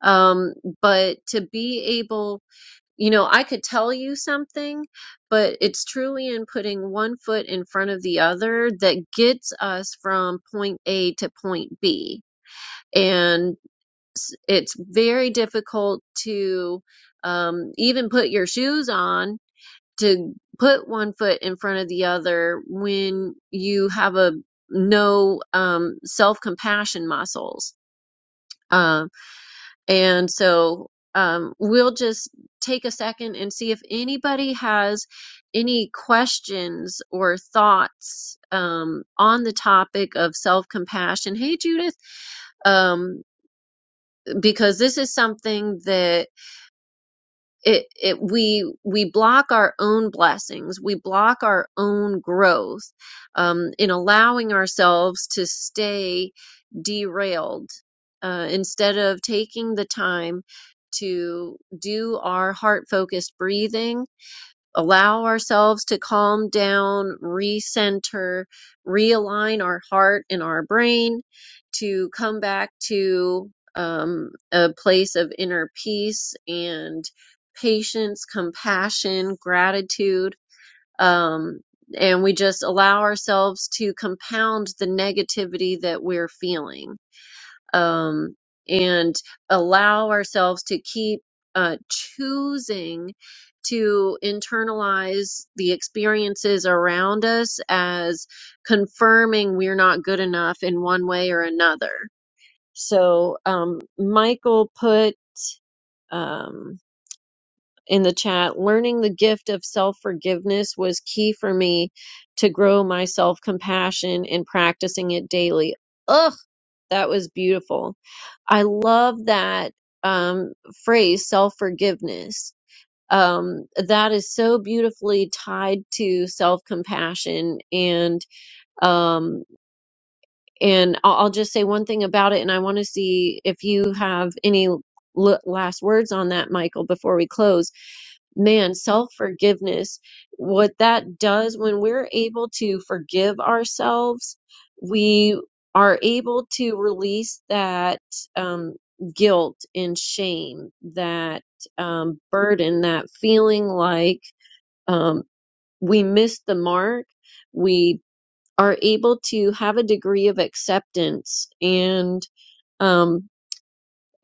um but to be able you know, I could tell you something, but it's truly in putting one foot in front of the other that gets us from point A to point B. And s- it's very difficult to um, even put your shoes on to put one foot in front of the other when you have a no um, self compassion muscles. Um, and so um, we'll just take a second and see if anybody has any questions or thoughts um, on the topic of self compassion. Hey, Judith, um, because this is something that it it we we block our own blessings we block our own growth um in allowing ourselves to stay derailed uh instead of taking the time to do our heart focused breathing allow ourselves to calm down, recenter, realign our heart and our brain to come back to um, a place of inner peace and patience, compassion, gratitude. Um, and we just allow ourselves to compound the negativity that we're feeling um, and allow ourselves to keep uh, choosing to internalize the experiences around us as confirming we're not good enough in one way or another. So, um, Michael put um, in the chat learning the gift of self forgiveness was key for me to grow my self compassion and practicing it daily. Ugh that was beautiful. I love that um, phrase, self forgiveness. Um, that is so beautifully tied to self compassion. And, um, and I'll, I'll just say one thing about it. And I want to see if you have any l- last words on that, Michael, before we close man, self forgiveness, what that does when we're able to forgive ourselves, we are able to release that um, guilt and shame, that um, burden, that feeling like um, we missed the mark. We are able to have a degree of acceptance and. Um,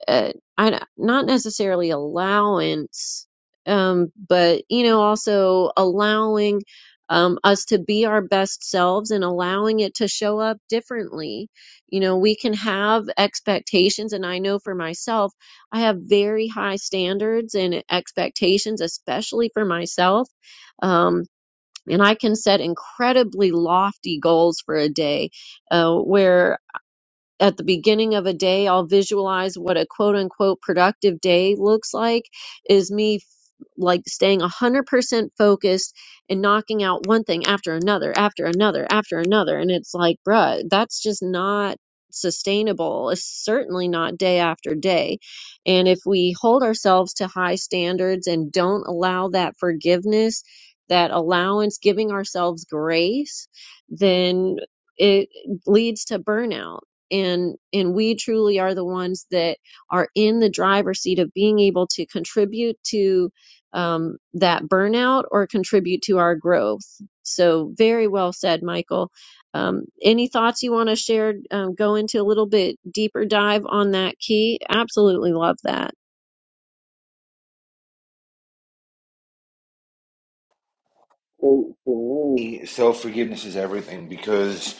uh, I, not necessarily allowance, um, but you know, also allowing um, us to be our best selves and allowing it to show up differently. You know, we can have expectations, and I know for myself, I have very high standards and expectations, especially for myself. Um, and I can set incredibly lofty goals for a day, uh, where at the beginning of a day, I'll visualize what a quote unquote productive day looks like is me like staying 100% focused and knocking out one thing after another, after another, after another. And it's like, bruh, that's just not sustainable. It's certainly not day after day. And if we hold ourselves to high standards and don't allow that forgiveness, that allowance, giving ourselves grace, then it leads to burnout. And, and we truly are the ones that are in the driver's seat of being able to contribute to um, that burnout or contribute to our growth. So, very well said, Michael. Um, any thoughts you want to share? Um, go into a little bit deeper dive on that key. Absolutely love that.
For, for me, self forgiveness is everything because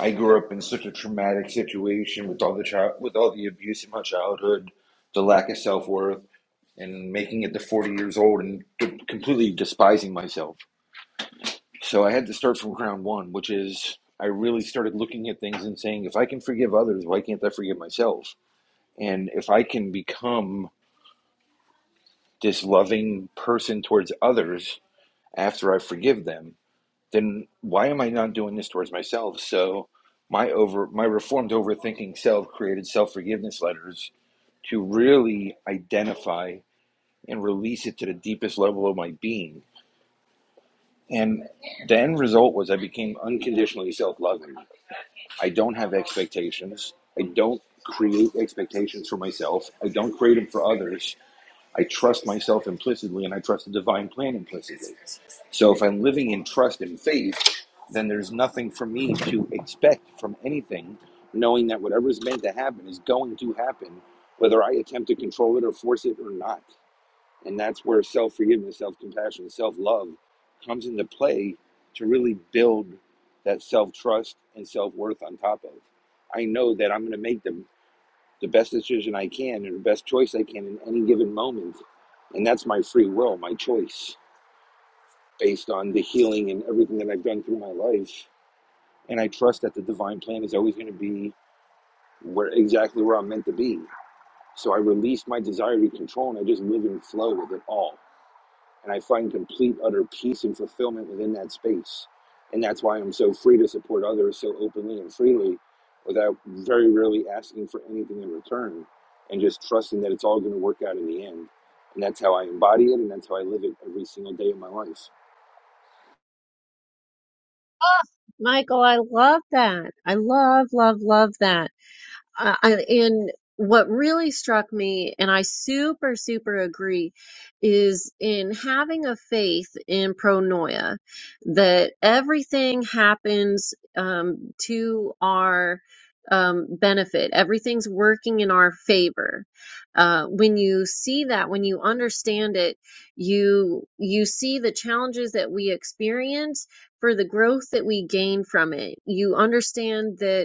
I grew up in such a traumatic situation with all the child, with all the abuse in my childhood, the lack of self worth, and making it to forty years old and completely despising myself. So I had to start from ground one, which is I really started looking at things and saying, if I can forgive others, why can't I forgive myself? And if I can become this loving person towards others after I forgive them, then why am I not doing this towards myself? So my over my reformed overthinking self created self-forgiveness letters to really identify and release it to the deepest level of my being. And the end result was I became unconditionally self-loving I don't have expectations. I don't create expectations for myself. I don't create them for others. I trust myself implicitly and I trust the divine plan implicitly. So if I'm living in trust and faith, then there's nothing for me to expect from anything, knowing that whatever is meant to happen is going to happen, whether I attempt to control it or force it or not. And that's where self forgiveness, self compassion, self love comes into play to really build that self trust and self worth on top of. I know that I'm going to make the, the best decision I can and the best choice I can in any given moment. And that's my free will, my choice based on the healing and everything that I've done through my life. And I trust that the divine plan is always going to be where exactly where I'm meant to be. So I release my desire to control and I just live and flow with it all and I find complete, utter peace and fulfillment within that space. And that's why I'm so free to support others so openly and freely without very rarely asking for anything in return and just trusting that it's all going to work out in the end. And that's how I embody it and that's how I live it every single day of my life.
Michael, I love that. I love, love, love that. I, I- and what really struck me, and I super, super agree, is in having a faith in pronoia that everything happens um, to our um, benefit, everything's working in our favor. Uh, when you see that, when you understand it, you you see the challenges that we experience for the growth that we gain from it. You understand that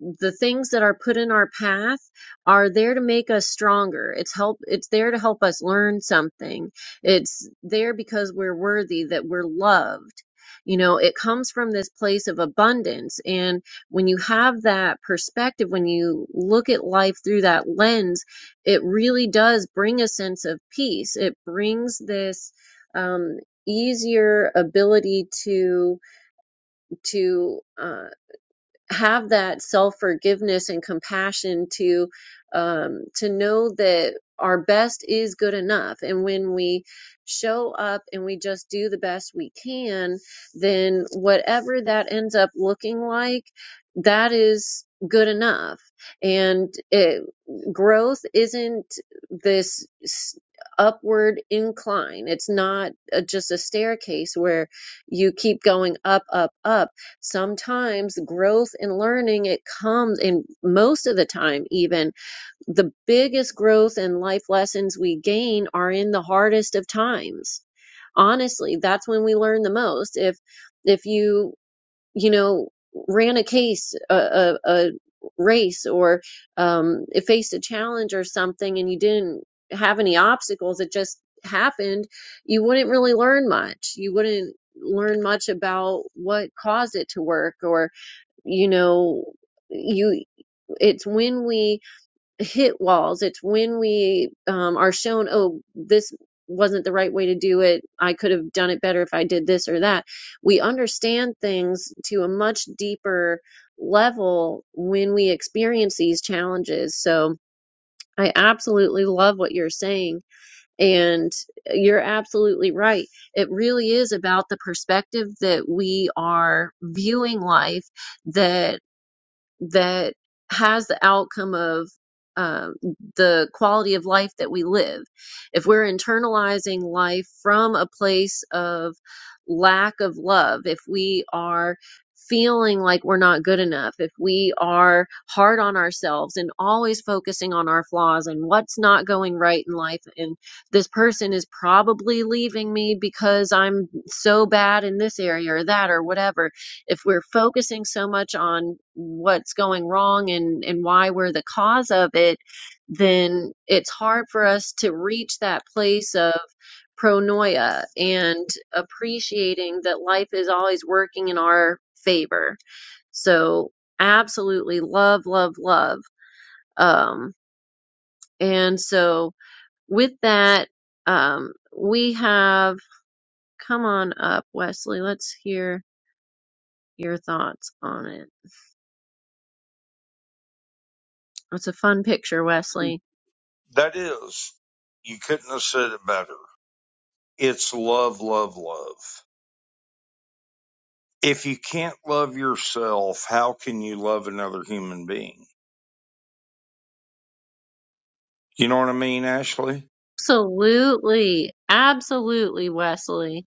the things that are put in our path are there to make us stronger it's help it's there to help us learn something it's there because we're worthy that we're loved you know it comes from this place of abundance and when you have that perspective when you look at life through that lens it really does bring a sense of peace it brings this um easier ability to to uh, have that self forgiveness and compassion to um, to know that our best is good enough and when we show up and we just do the best we can then whatever that ends up looking like that is good enough and it, growth isn't this s- upward incline it's not uh just a staircase where you keep going up up up sometimes growth and learning it comes and most of the time even the biggest growth and life lessons we gain are in the hardest of times honestly that's when we learn the most if if you you know, ran a case, a, a, a race, or um, faced a challenge or something, and you didn't have any obstacles, it just happened, you wouldn't really learn much. You wouldn't learn much about what caused it to work, or, you know, you it's when we hit walls. It's when we um, are shown, oh, this wasn't the right way to do it. I could have done it better if I did this or that. We understand things to a much deeper level when we experience these challenges. So I absolutely love what you're saying. And you're absolutely right. It really is about the perspective that we are viewing life, that that has the outcome of um, the quality of life that we live. If we're internalizing life from a place of lack of love, if we are feeling like we're not good enough, if we are hard on ourselves and always focusing on our flaws and what's not going right in life, and this person is probably leaving me because I'm so bad in this area or that or whatever if we're focusing so much on what's going wrong and, and why we're the cause of it, then it's hard for us to reach that place of pronoia and appreciating that life is always working in our favor. So, absolutely love, love, love. Um, and so, with that, um, we have come on up, Wesley. Let's hear your thoughts on it. It's a fun picture, Wesley.
That is, you couldn't have said it better. It's love, love, love. If you can't love yourself, how can you love another human being? You know what I mean, Ashley?
Absolutely, absolutely, Wesley.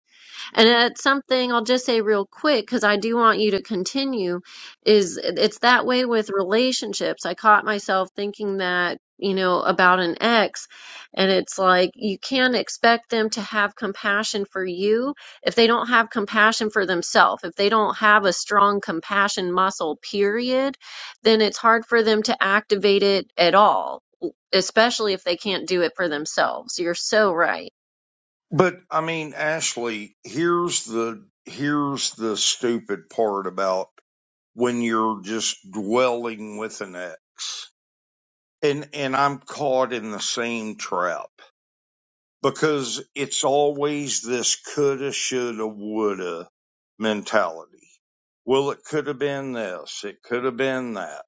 And that's something I'll just say real quick because I do want you to continue is it's that way with relationships. I caught myself thinking that, you know, about an ex, and it's like you can't expect them to have compassion for you if they don't have compassion for themselves. If they don't have a strong compassion muscle, period, then it's hard for them to activate it at all, especially if they can't do it for themselves. You're so right.
But I mean, Ashley, here's the here's the stupid part about when you're just dwelling with an ex. And and I'm caught in the same trap. because it's always this coulda, shoulda, woulda mentality. Well, it could have been this, it could have been that.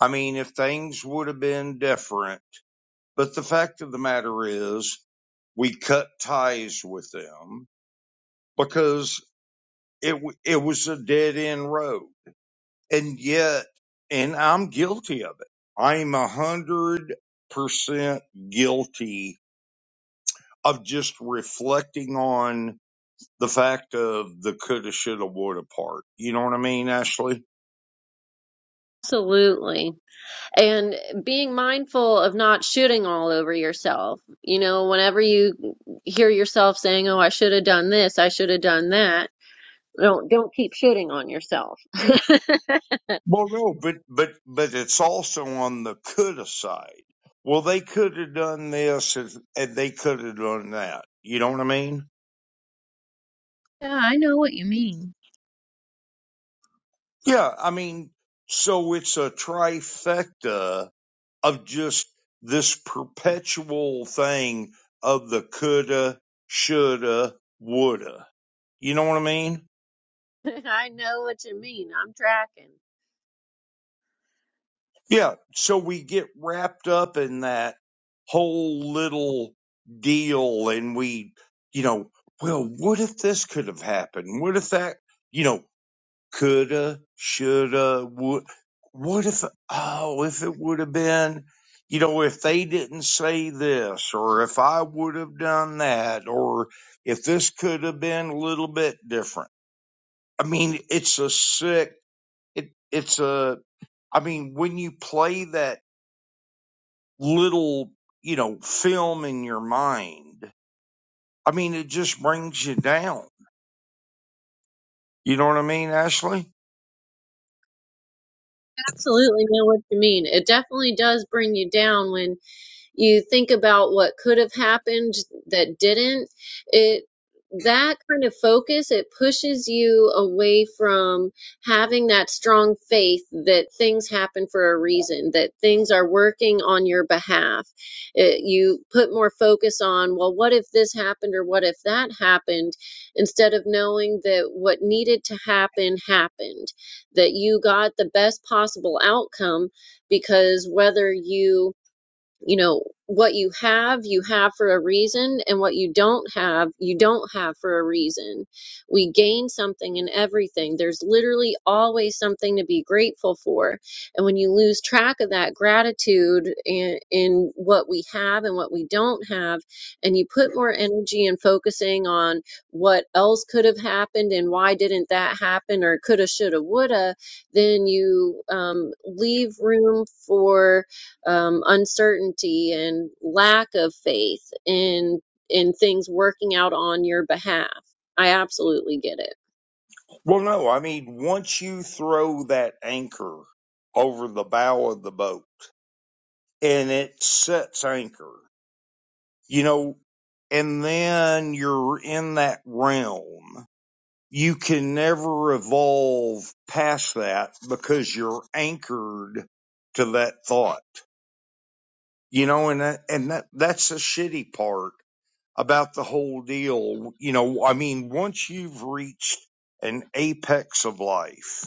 I mean, if things would have been different, but the fact of the matter is we cut ties with them because it, it was a dead end road. And yet, and I'm guilty of it. I'm a hundred percent guilty of just reflecting on the fact of the coulda, shoulda, woulda part. You know what I mean, Ashley?
Absolutely. and being mindful of not shooting all over yourself. You know, whenever you hear yourself saying, "Oh, I should have done this. I should have done that." Don't don't keep shooting on yourself.
Well, no, but but but it's also on the coulda side. Well, they could have done this, and, and they could have done that. You know what I mean?
Yeah, I know what you mean.
Yeah, I mean, so it's a trifecta of just this perpetual thing of the coulda, shoulda, woulda. You know what I mean?
I know what you mean. I'm tracking.
Yeah. So we get wrapped up in that whole little deal and we, you know, well, what if this could have happened? What if that, you know, coulda, shoulda, would, what if, oh, if it would have been, you know, if they didn't say this or if I would have done that or if this could have been a little bit different. I mean, it's a sick, it, it's a, I mean, when you play that little, you know, film in your mind. I mean, it just brings you down. You know what I mean, Ashley?
Absolutely know what you mean. It definitely does bring you down when you think about what could have happened that didn't it that kind of focus it pushes you away from having that strong faith that things happen for a reason that things are working on your behalf it, you put more focus on well what if this happened or what if that happened instead of knowing that what needed to happen happened that you got the best possible outcome because whether you you know, what you have, you have for a reason, and what you don't have, you don't have for a reason. We gain something in everything. There's literally always something to be grateful for. And when you lose track of that gratitude in, in what we have and what we don't have, and you put more energy in focusing on what else could have happened and why didn't that happen or coulda, shoulda, woulda, then you um, leave room for um, uncertainty and lack of faith in in things working out on your behalf. I absolutely get it.
Well, no, I mean, once you throw that anchor over the bow of the boat and it sets anchor, you know, and then you're in that realm, you can never evolve past that because you're anchored to that thought, you know, and that, and that, that's the shitty part about the whole deal. You know, I mean, once you've reached an apex of life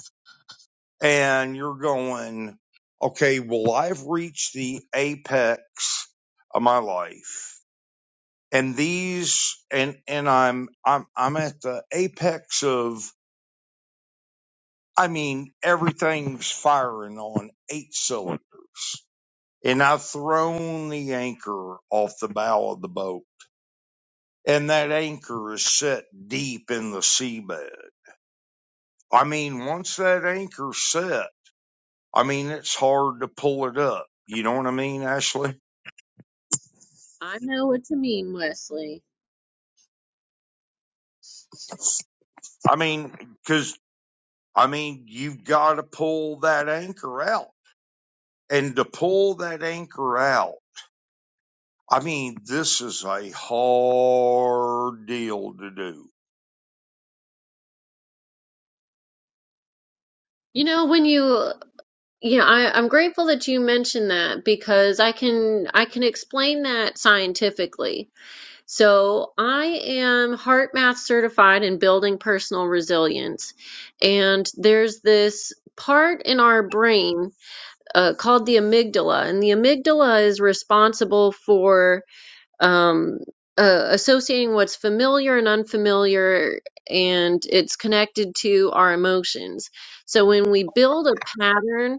and you're going, okay, well, I've reached the apex of my life and these, and, and I'm, I'm, I'm at the apex of, I mean, everything's firing on eight cylinders and I've thrown the anchor off the bow of the boat and that anchor is set deep in the seabed I mean, once that anchor's set, I mean, it's hard to pull it up. You know what I mean, Ashley?
I know what you mean, Wesley.
I mean, cause I mean, you've got to pull that anchor out and to pull that anchor out. I mean, this is a hard deal to do.
You know, when you you know, I, I'm grateful that you mentioned that because I can I can explain that scientifically. So I am heart math certified in building personal resilience. And there's this part in our brain uh, called the amygdala, and the amygdala is responsible for um, uh, associating what's familiar and unfamiliar, and it's connected to our emotions. So when we build a pattern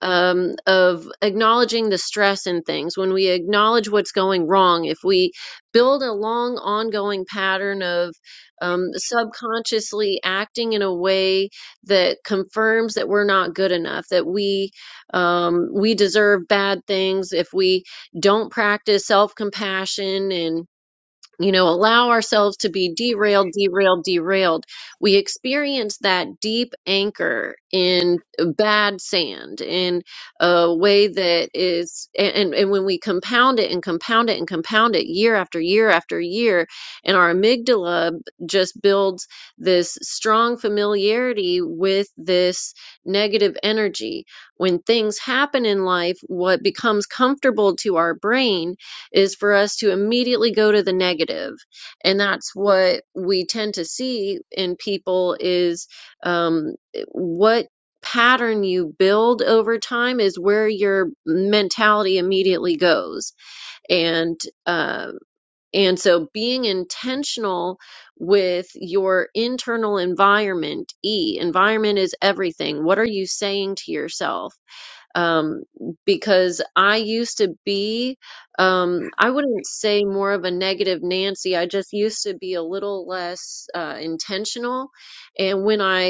um, of acknowledging the stress in things, when we acknowledge what's going wrong, if we build a long ongoing pattern of um, subconsciously acting in a way that confirms that we're not good enough, that we um, we deserve bad things, if we don't practice self compassion and you know, allow ourselves to be derailed, derailed, derailed. We experience that deep anchor in bad sand in a way that is, and, and when we compound it and compound it and compound it year after year after year, and our amygdala just builds this strong familiarity with this negative energy. When things happen in life, what becomes comfortable to our brain is for us to immediately go to the negative and that's what we tend to see in people is um, what pattern you build over time is where your mentality immediately goes and uh, and so being intentional with your internal environment e environment is everything what are you saying to yourself um, because I used to be, um, I wouldn't say more of a negative Nancy. I just used to be a little less uh, intentional. And when I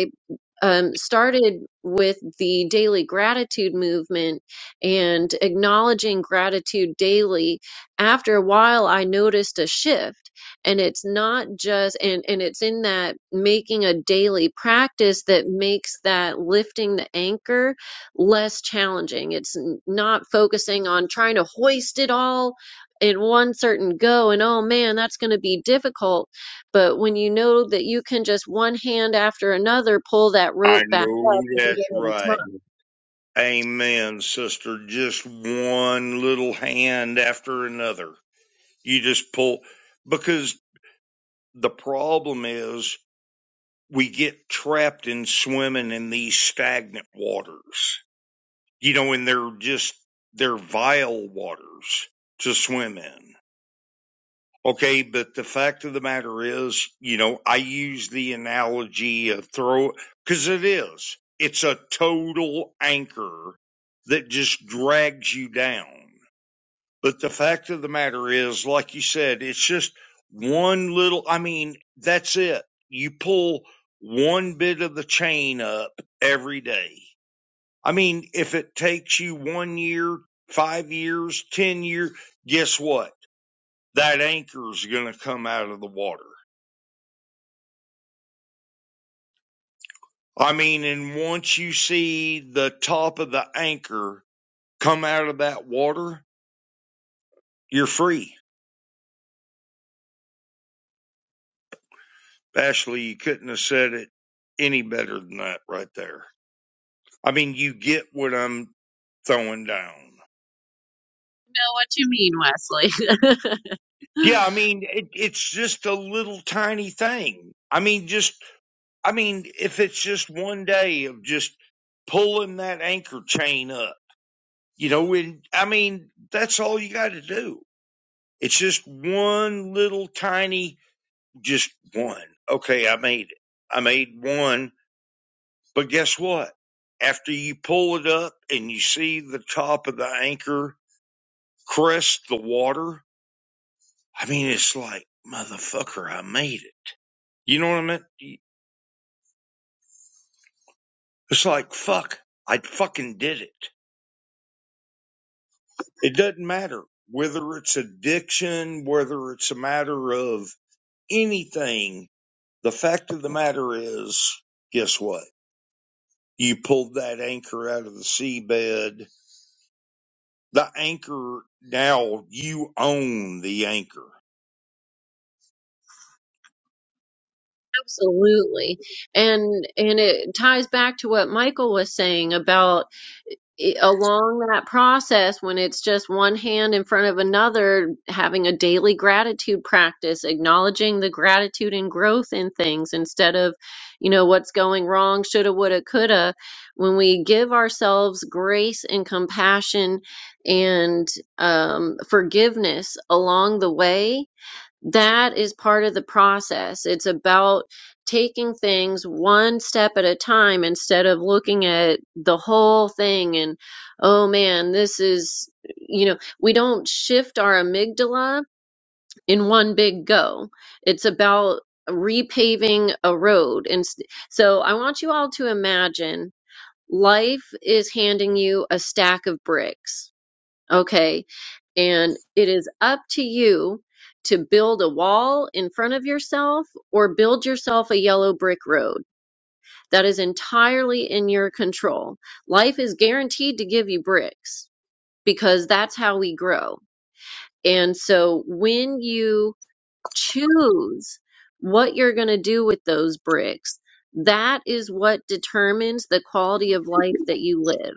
um, started with the daily gratitude movement and acknowledging gratitude daily. After a while, I noticed a shift. And it's not just, and, and it's in that making a daily practice that makes that lifting the anchor less challenging. It's not focusing on trying to hoist it all in one certain go and, oh man, that's going to be difficult but when you know that you can just one hand after another pull that
I
rope back
know
up and get
that's
it at a
right.
time.
Amen, sister. Just one little hand after another. You just pull because the problem is we get trapped in swimming in these stagnant waters, you know, and they're just, they're vile waters to swim in. Okay. But the fact of the matter is, you know, I use the analogy of throw, cause it is, it's a total anchor that just drags you down. But the fact of the matter is, like you said, it's just one little, I mean, that's it. You pull one bit of the chain up every day. I mean, if it takes you one year, five years, 10 years, guess what? That anchor's going to come out of the water. I mean, and once you see the top of the anchor come out of that water, you're free. Ashley, you couldn't have said it any better than that right there. I mean, you get what I'm throwing down.
Know what you mean, Wesley?
Yeah, I mean, it, it's just a little tiny thing. I mean, just, I mean, if it's just one day of just pulling that anchor chain up, you know, and I mean, that's all you got to do. It's just one little tiny, just one. Okay, I made it. I made one, but guess what? After you pull it up and you see the top of the anchor crest the water, I mean, it's like, motherfucker, I made it. You know what I mean? It's like, fuck, I fucking did it. It doesn't matter whether it's addiction, whether it's a matter of anything. The fact of the matter is, guess what? You pulled that anchor out of the seabed. The anchor now, you own the anchor.
Absolutely. And and it ties back to what Michael was saying about i- along that process when it's just one hand in front of another having a daily gratitude practice acknowledging the gratitude and growth in things instead of you know what's going wrong shoulda woulda coulda when we give ourselves grace and compassion and um, forgiveness along the way that is part of the process. It's about taking things one step at a time instead of looking at the whole thing and, oh man, this is, you know, we don't shift our amygdala in one big go. It's about repaving a road. And s- so I want you all to imagine life is handing you a stack of bricks Okay. And it is up to you to build a wall in front of yourself or build yourself a yellow brick road. That is entirely in your control. Life is guaranteed to give you bricks because that's how we grow. And so when you choose what you're going to do with those bricks. That is what determines the quality of life that you live.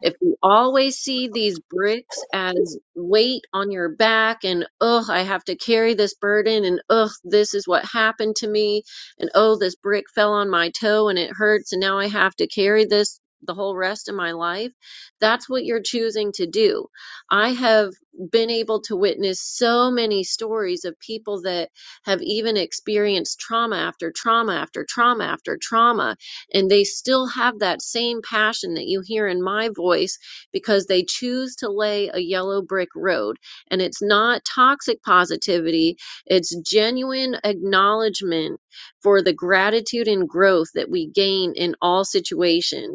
If you always see these bricks as weight on your back and, ugh, I have to carry this burden and, ugh, this is what happened to me and, oh, this brick fell on my toe and it hurts and now I have to carry this the whole rest of my life, that's what you're choosing to do. I have been able to witness so many stories of people that have even experienced trauma after trauma after trauma after trauma, and they still have that same passion that you hear in my voice because they choose to lay a yellow brick road. And it's not toxic positivity, it's genuine acknowledgement for the gratitude and growth that we gain in all situations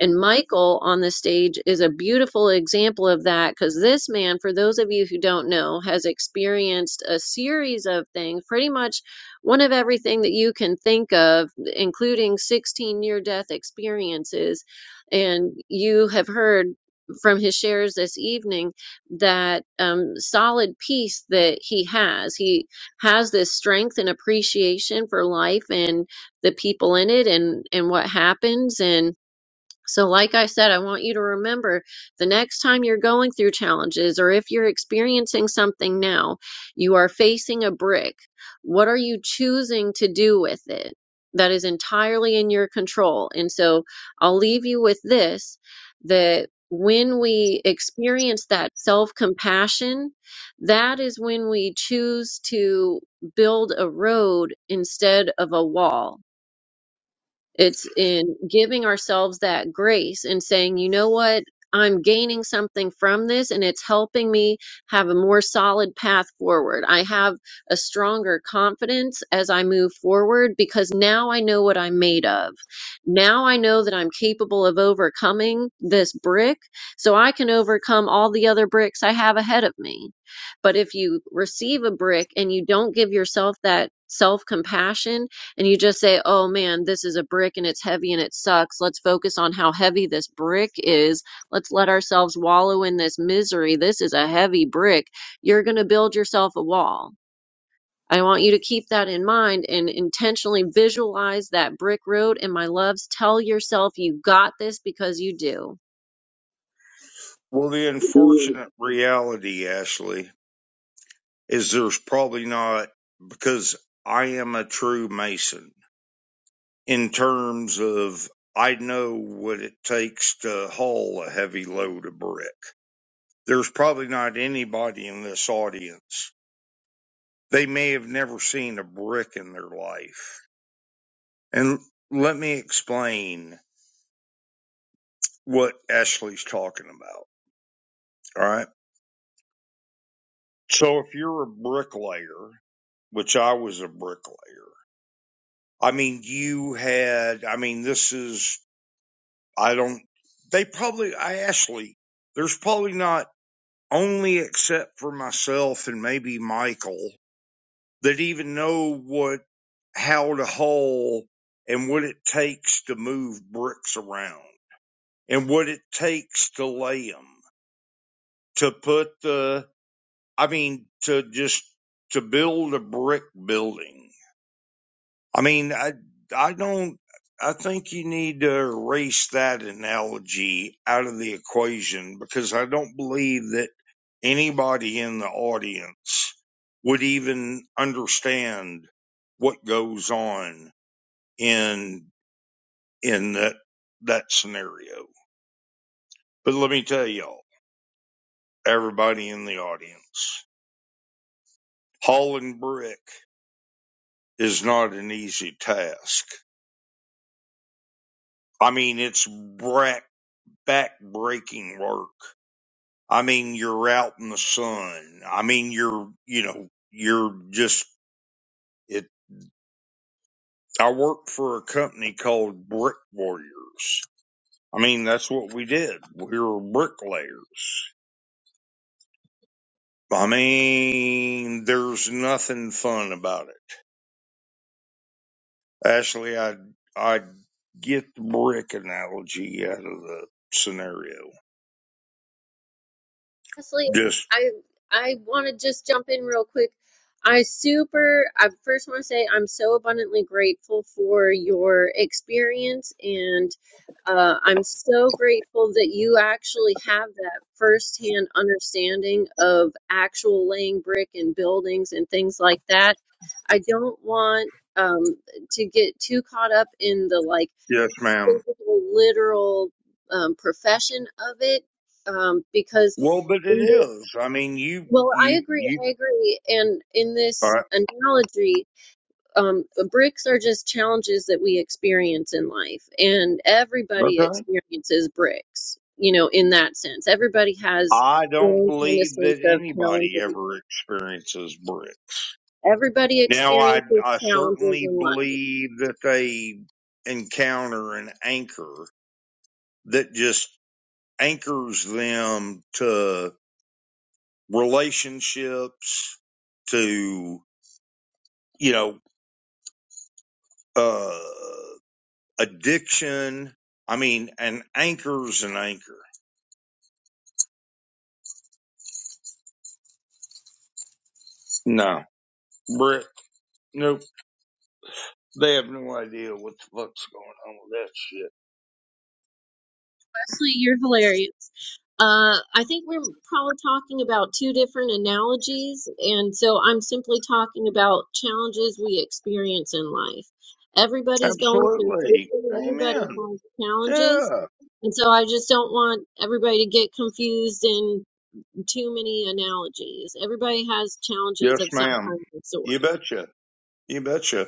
and Michael on the stage is a beautiful example of that because this man, for those of you who don't know, has experienced a series of things, pretty much one of everything that you can think of, including 16 near death experiences. And you have heard from his shares this evening that um, solid peace that he has. He has this strength and appreciation for life and the people in it and, and what happens. And so, like I said, I want you to remember the next time you're going through challenges or if you're experiencing something now, you are facing a brick. What are you choosing to do with it? That is entirely in your control. And so I'll leave you with this that when we experience that self compassion, that is when we choose to build a road instead of a wall it's in giving ourselves that grace and saying, you know what? I'm gaining something from this and it's helping me have a more solid path forward. I have a stronger confidence as I move forward because now I know what I'm made of. Now I know that I'm capable of overcoming this brick so I can overcome all the other bricks I have ahead of me. But if you receive a brick and you don't give yourself that self compassion, and you just say, oh man, this is a brick and it's heavy and it sucks. Let's focus on how heavy this brick is. Let's let ourselves wallow in this misery. This is a heavy brick. You're going to build yourself a wall. I want you to keep that in mind and intentionally visualize that brick road. And my loves, tell yourself you got this because you do.
Well, the unfortunate reality, Ashley. is there's probably not because I am a true mason in terms of I know what it takes to haul a heavy load of brick. There's probably not anybody in this audience. They may have never seen a brick in their life. And let me explain what Ashley's talking about. All right. So if you're a bricklayer, which I was a bricklayer, I mean, you had, I mean, this is I don't. They probably. I actually. There's probably not only except for myself and maybe Michael that even know what how to haul and what it takes to move bricks around and what it takes to lay them to put the. I mean to just to build a brick building I mean, I I don't. I think you need to erase that analogy out of the equation because I don't believe that anybody in the audience would even understand what goes on in in that that scenario. But let me tell y'all, everybody in the audience, hauling brick is not an easy task. I mean, it's back back breaking work I mean, you're out in the sun. I mean, you're, you know, you're just, it, I worked for a company called Brick Warriors. I mean, that's what we did. We were bricklayers. I mean, there's nothing fun about it. Actually, I, I get the brick analogy out of the scenario.
Honestly,
Just,
I I want to just jump in real quick. I super I first want to say I'm so abundantly grateful for your experience and uh, I'm so grateful that you actually have that firsthand understanding of actual laying brick and buildings and things like that. I don't want um, to get too caught up in the like
yes, ma'am.
physical, literal um, profession of it um, because
Well, but it
in this
is. I mean, you,
well i
you,
agree
you,
i agree and in
all
this analogy um bricks are just challenges that we experience in life and everybody
right.
experiences bricks you know in that sense everybody has
I
their
don't
own kind of
believe
sense
that
of
anybody
challenges
ever experiences brick.
everybody
Now, I,
experiences
I
challenges
certainly
in life
believe that they encounter an anchor that just anchors them to relationships, to, you know, uh, addiction. I mean, an anchor's an anchor. No. Brick. Nope. They have no idea what the fuck's going on with
Leslie, you're hilarious. Uh, I think we're probably talking about two different analogies, and so I'm simply talking about challenges we experience in life.
that shit.
Everybody's going through
Absolutely.
something, everybody
Amen.
has challenges,
Yeah.
and so I just don't want everybody to get confused in too many analogies. Everybody has challenges
Yes,
of some
ma'am.
kind of sort.
You betcha. You betcha.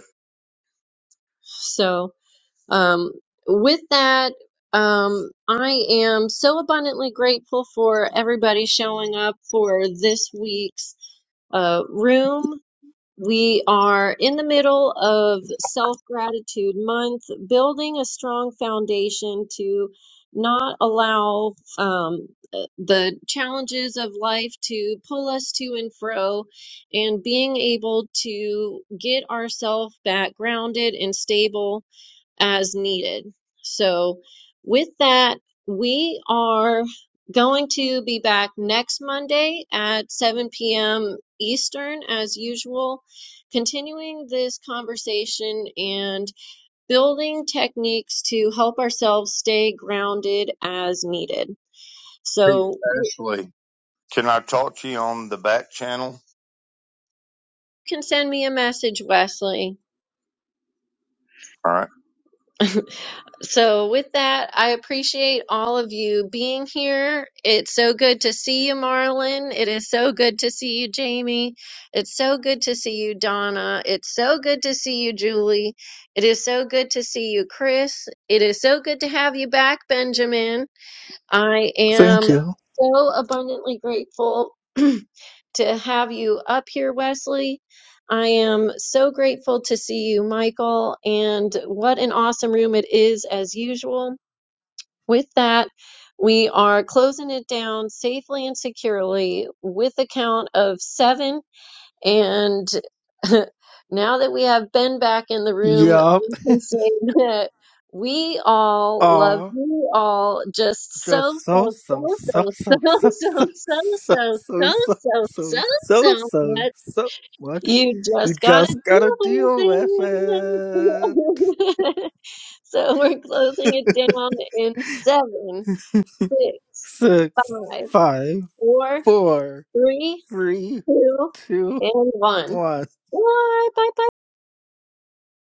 So. Um, with that, um, I am so abundantly grateful for everybody showing up for this week's uh, room. We are in the middle of Self Gratitude Month, building a strong foundation to not allow um, uh, the challenges of life to pull us to and fro, and being able to get ourselves back grounded and stable as needed. So, with that, we are going to be back next Monday at 7 p.m. Eastern, as usual, continuing this conversation and building techniques to help ourselves stay grounded as needed.
Hey,
So, you
Ashley, can I talk to you on the back channel?
can send me a message, Wesley,
All right.
So, with that, I appreciate all of you being here. It's so good to see you, Marlon. It is so good to see you, Jamie. It's so good to see you, Donna. It's so good to see you, Julie. It is so good to see you, Chris. It is so good to have you back, Benjamin. I
Thank
am
you.
so abundantly grateful to have you up here, Wesley. I am so grateful to see you, Michael, and what an awesome room it is as usual. With that, we are closing it down safely and securely with the count of seven. And now that we have Ben back in the room,
Yup.
we can say that we all love
Aw.
you all just so,
Just so
so,
so
so,
so
so,
so so
so,
so
so, so,
so
so,
so
so,
so
so,
so
so
so
so
so
much.
so much.
You
You
just gotta
just gotta
deal
deal with
with
it.
it. So we're closing it down in seven, six,
Six,
five,
five,
four,
four,
three,
three,
two,
two,
and one.
one.
Bye, bye, bye.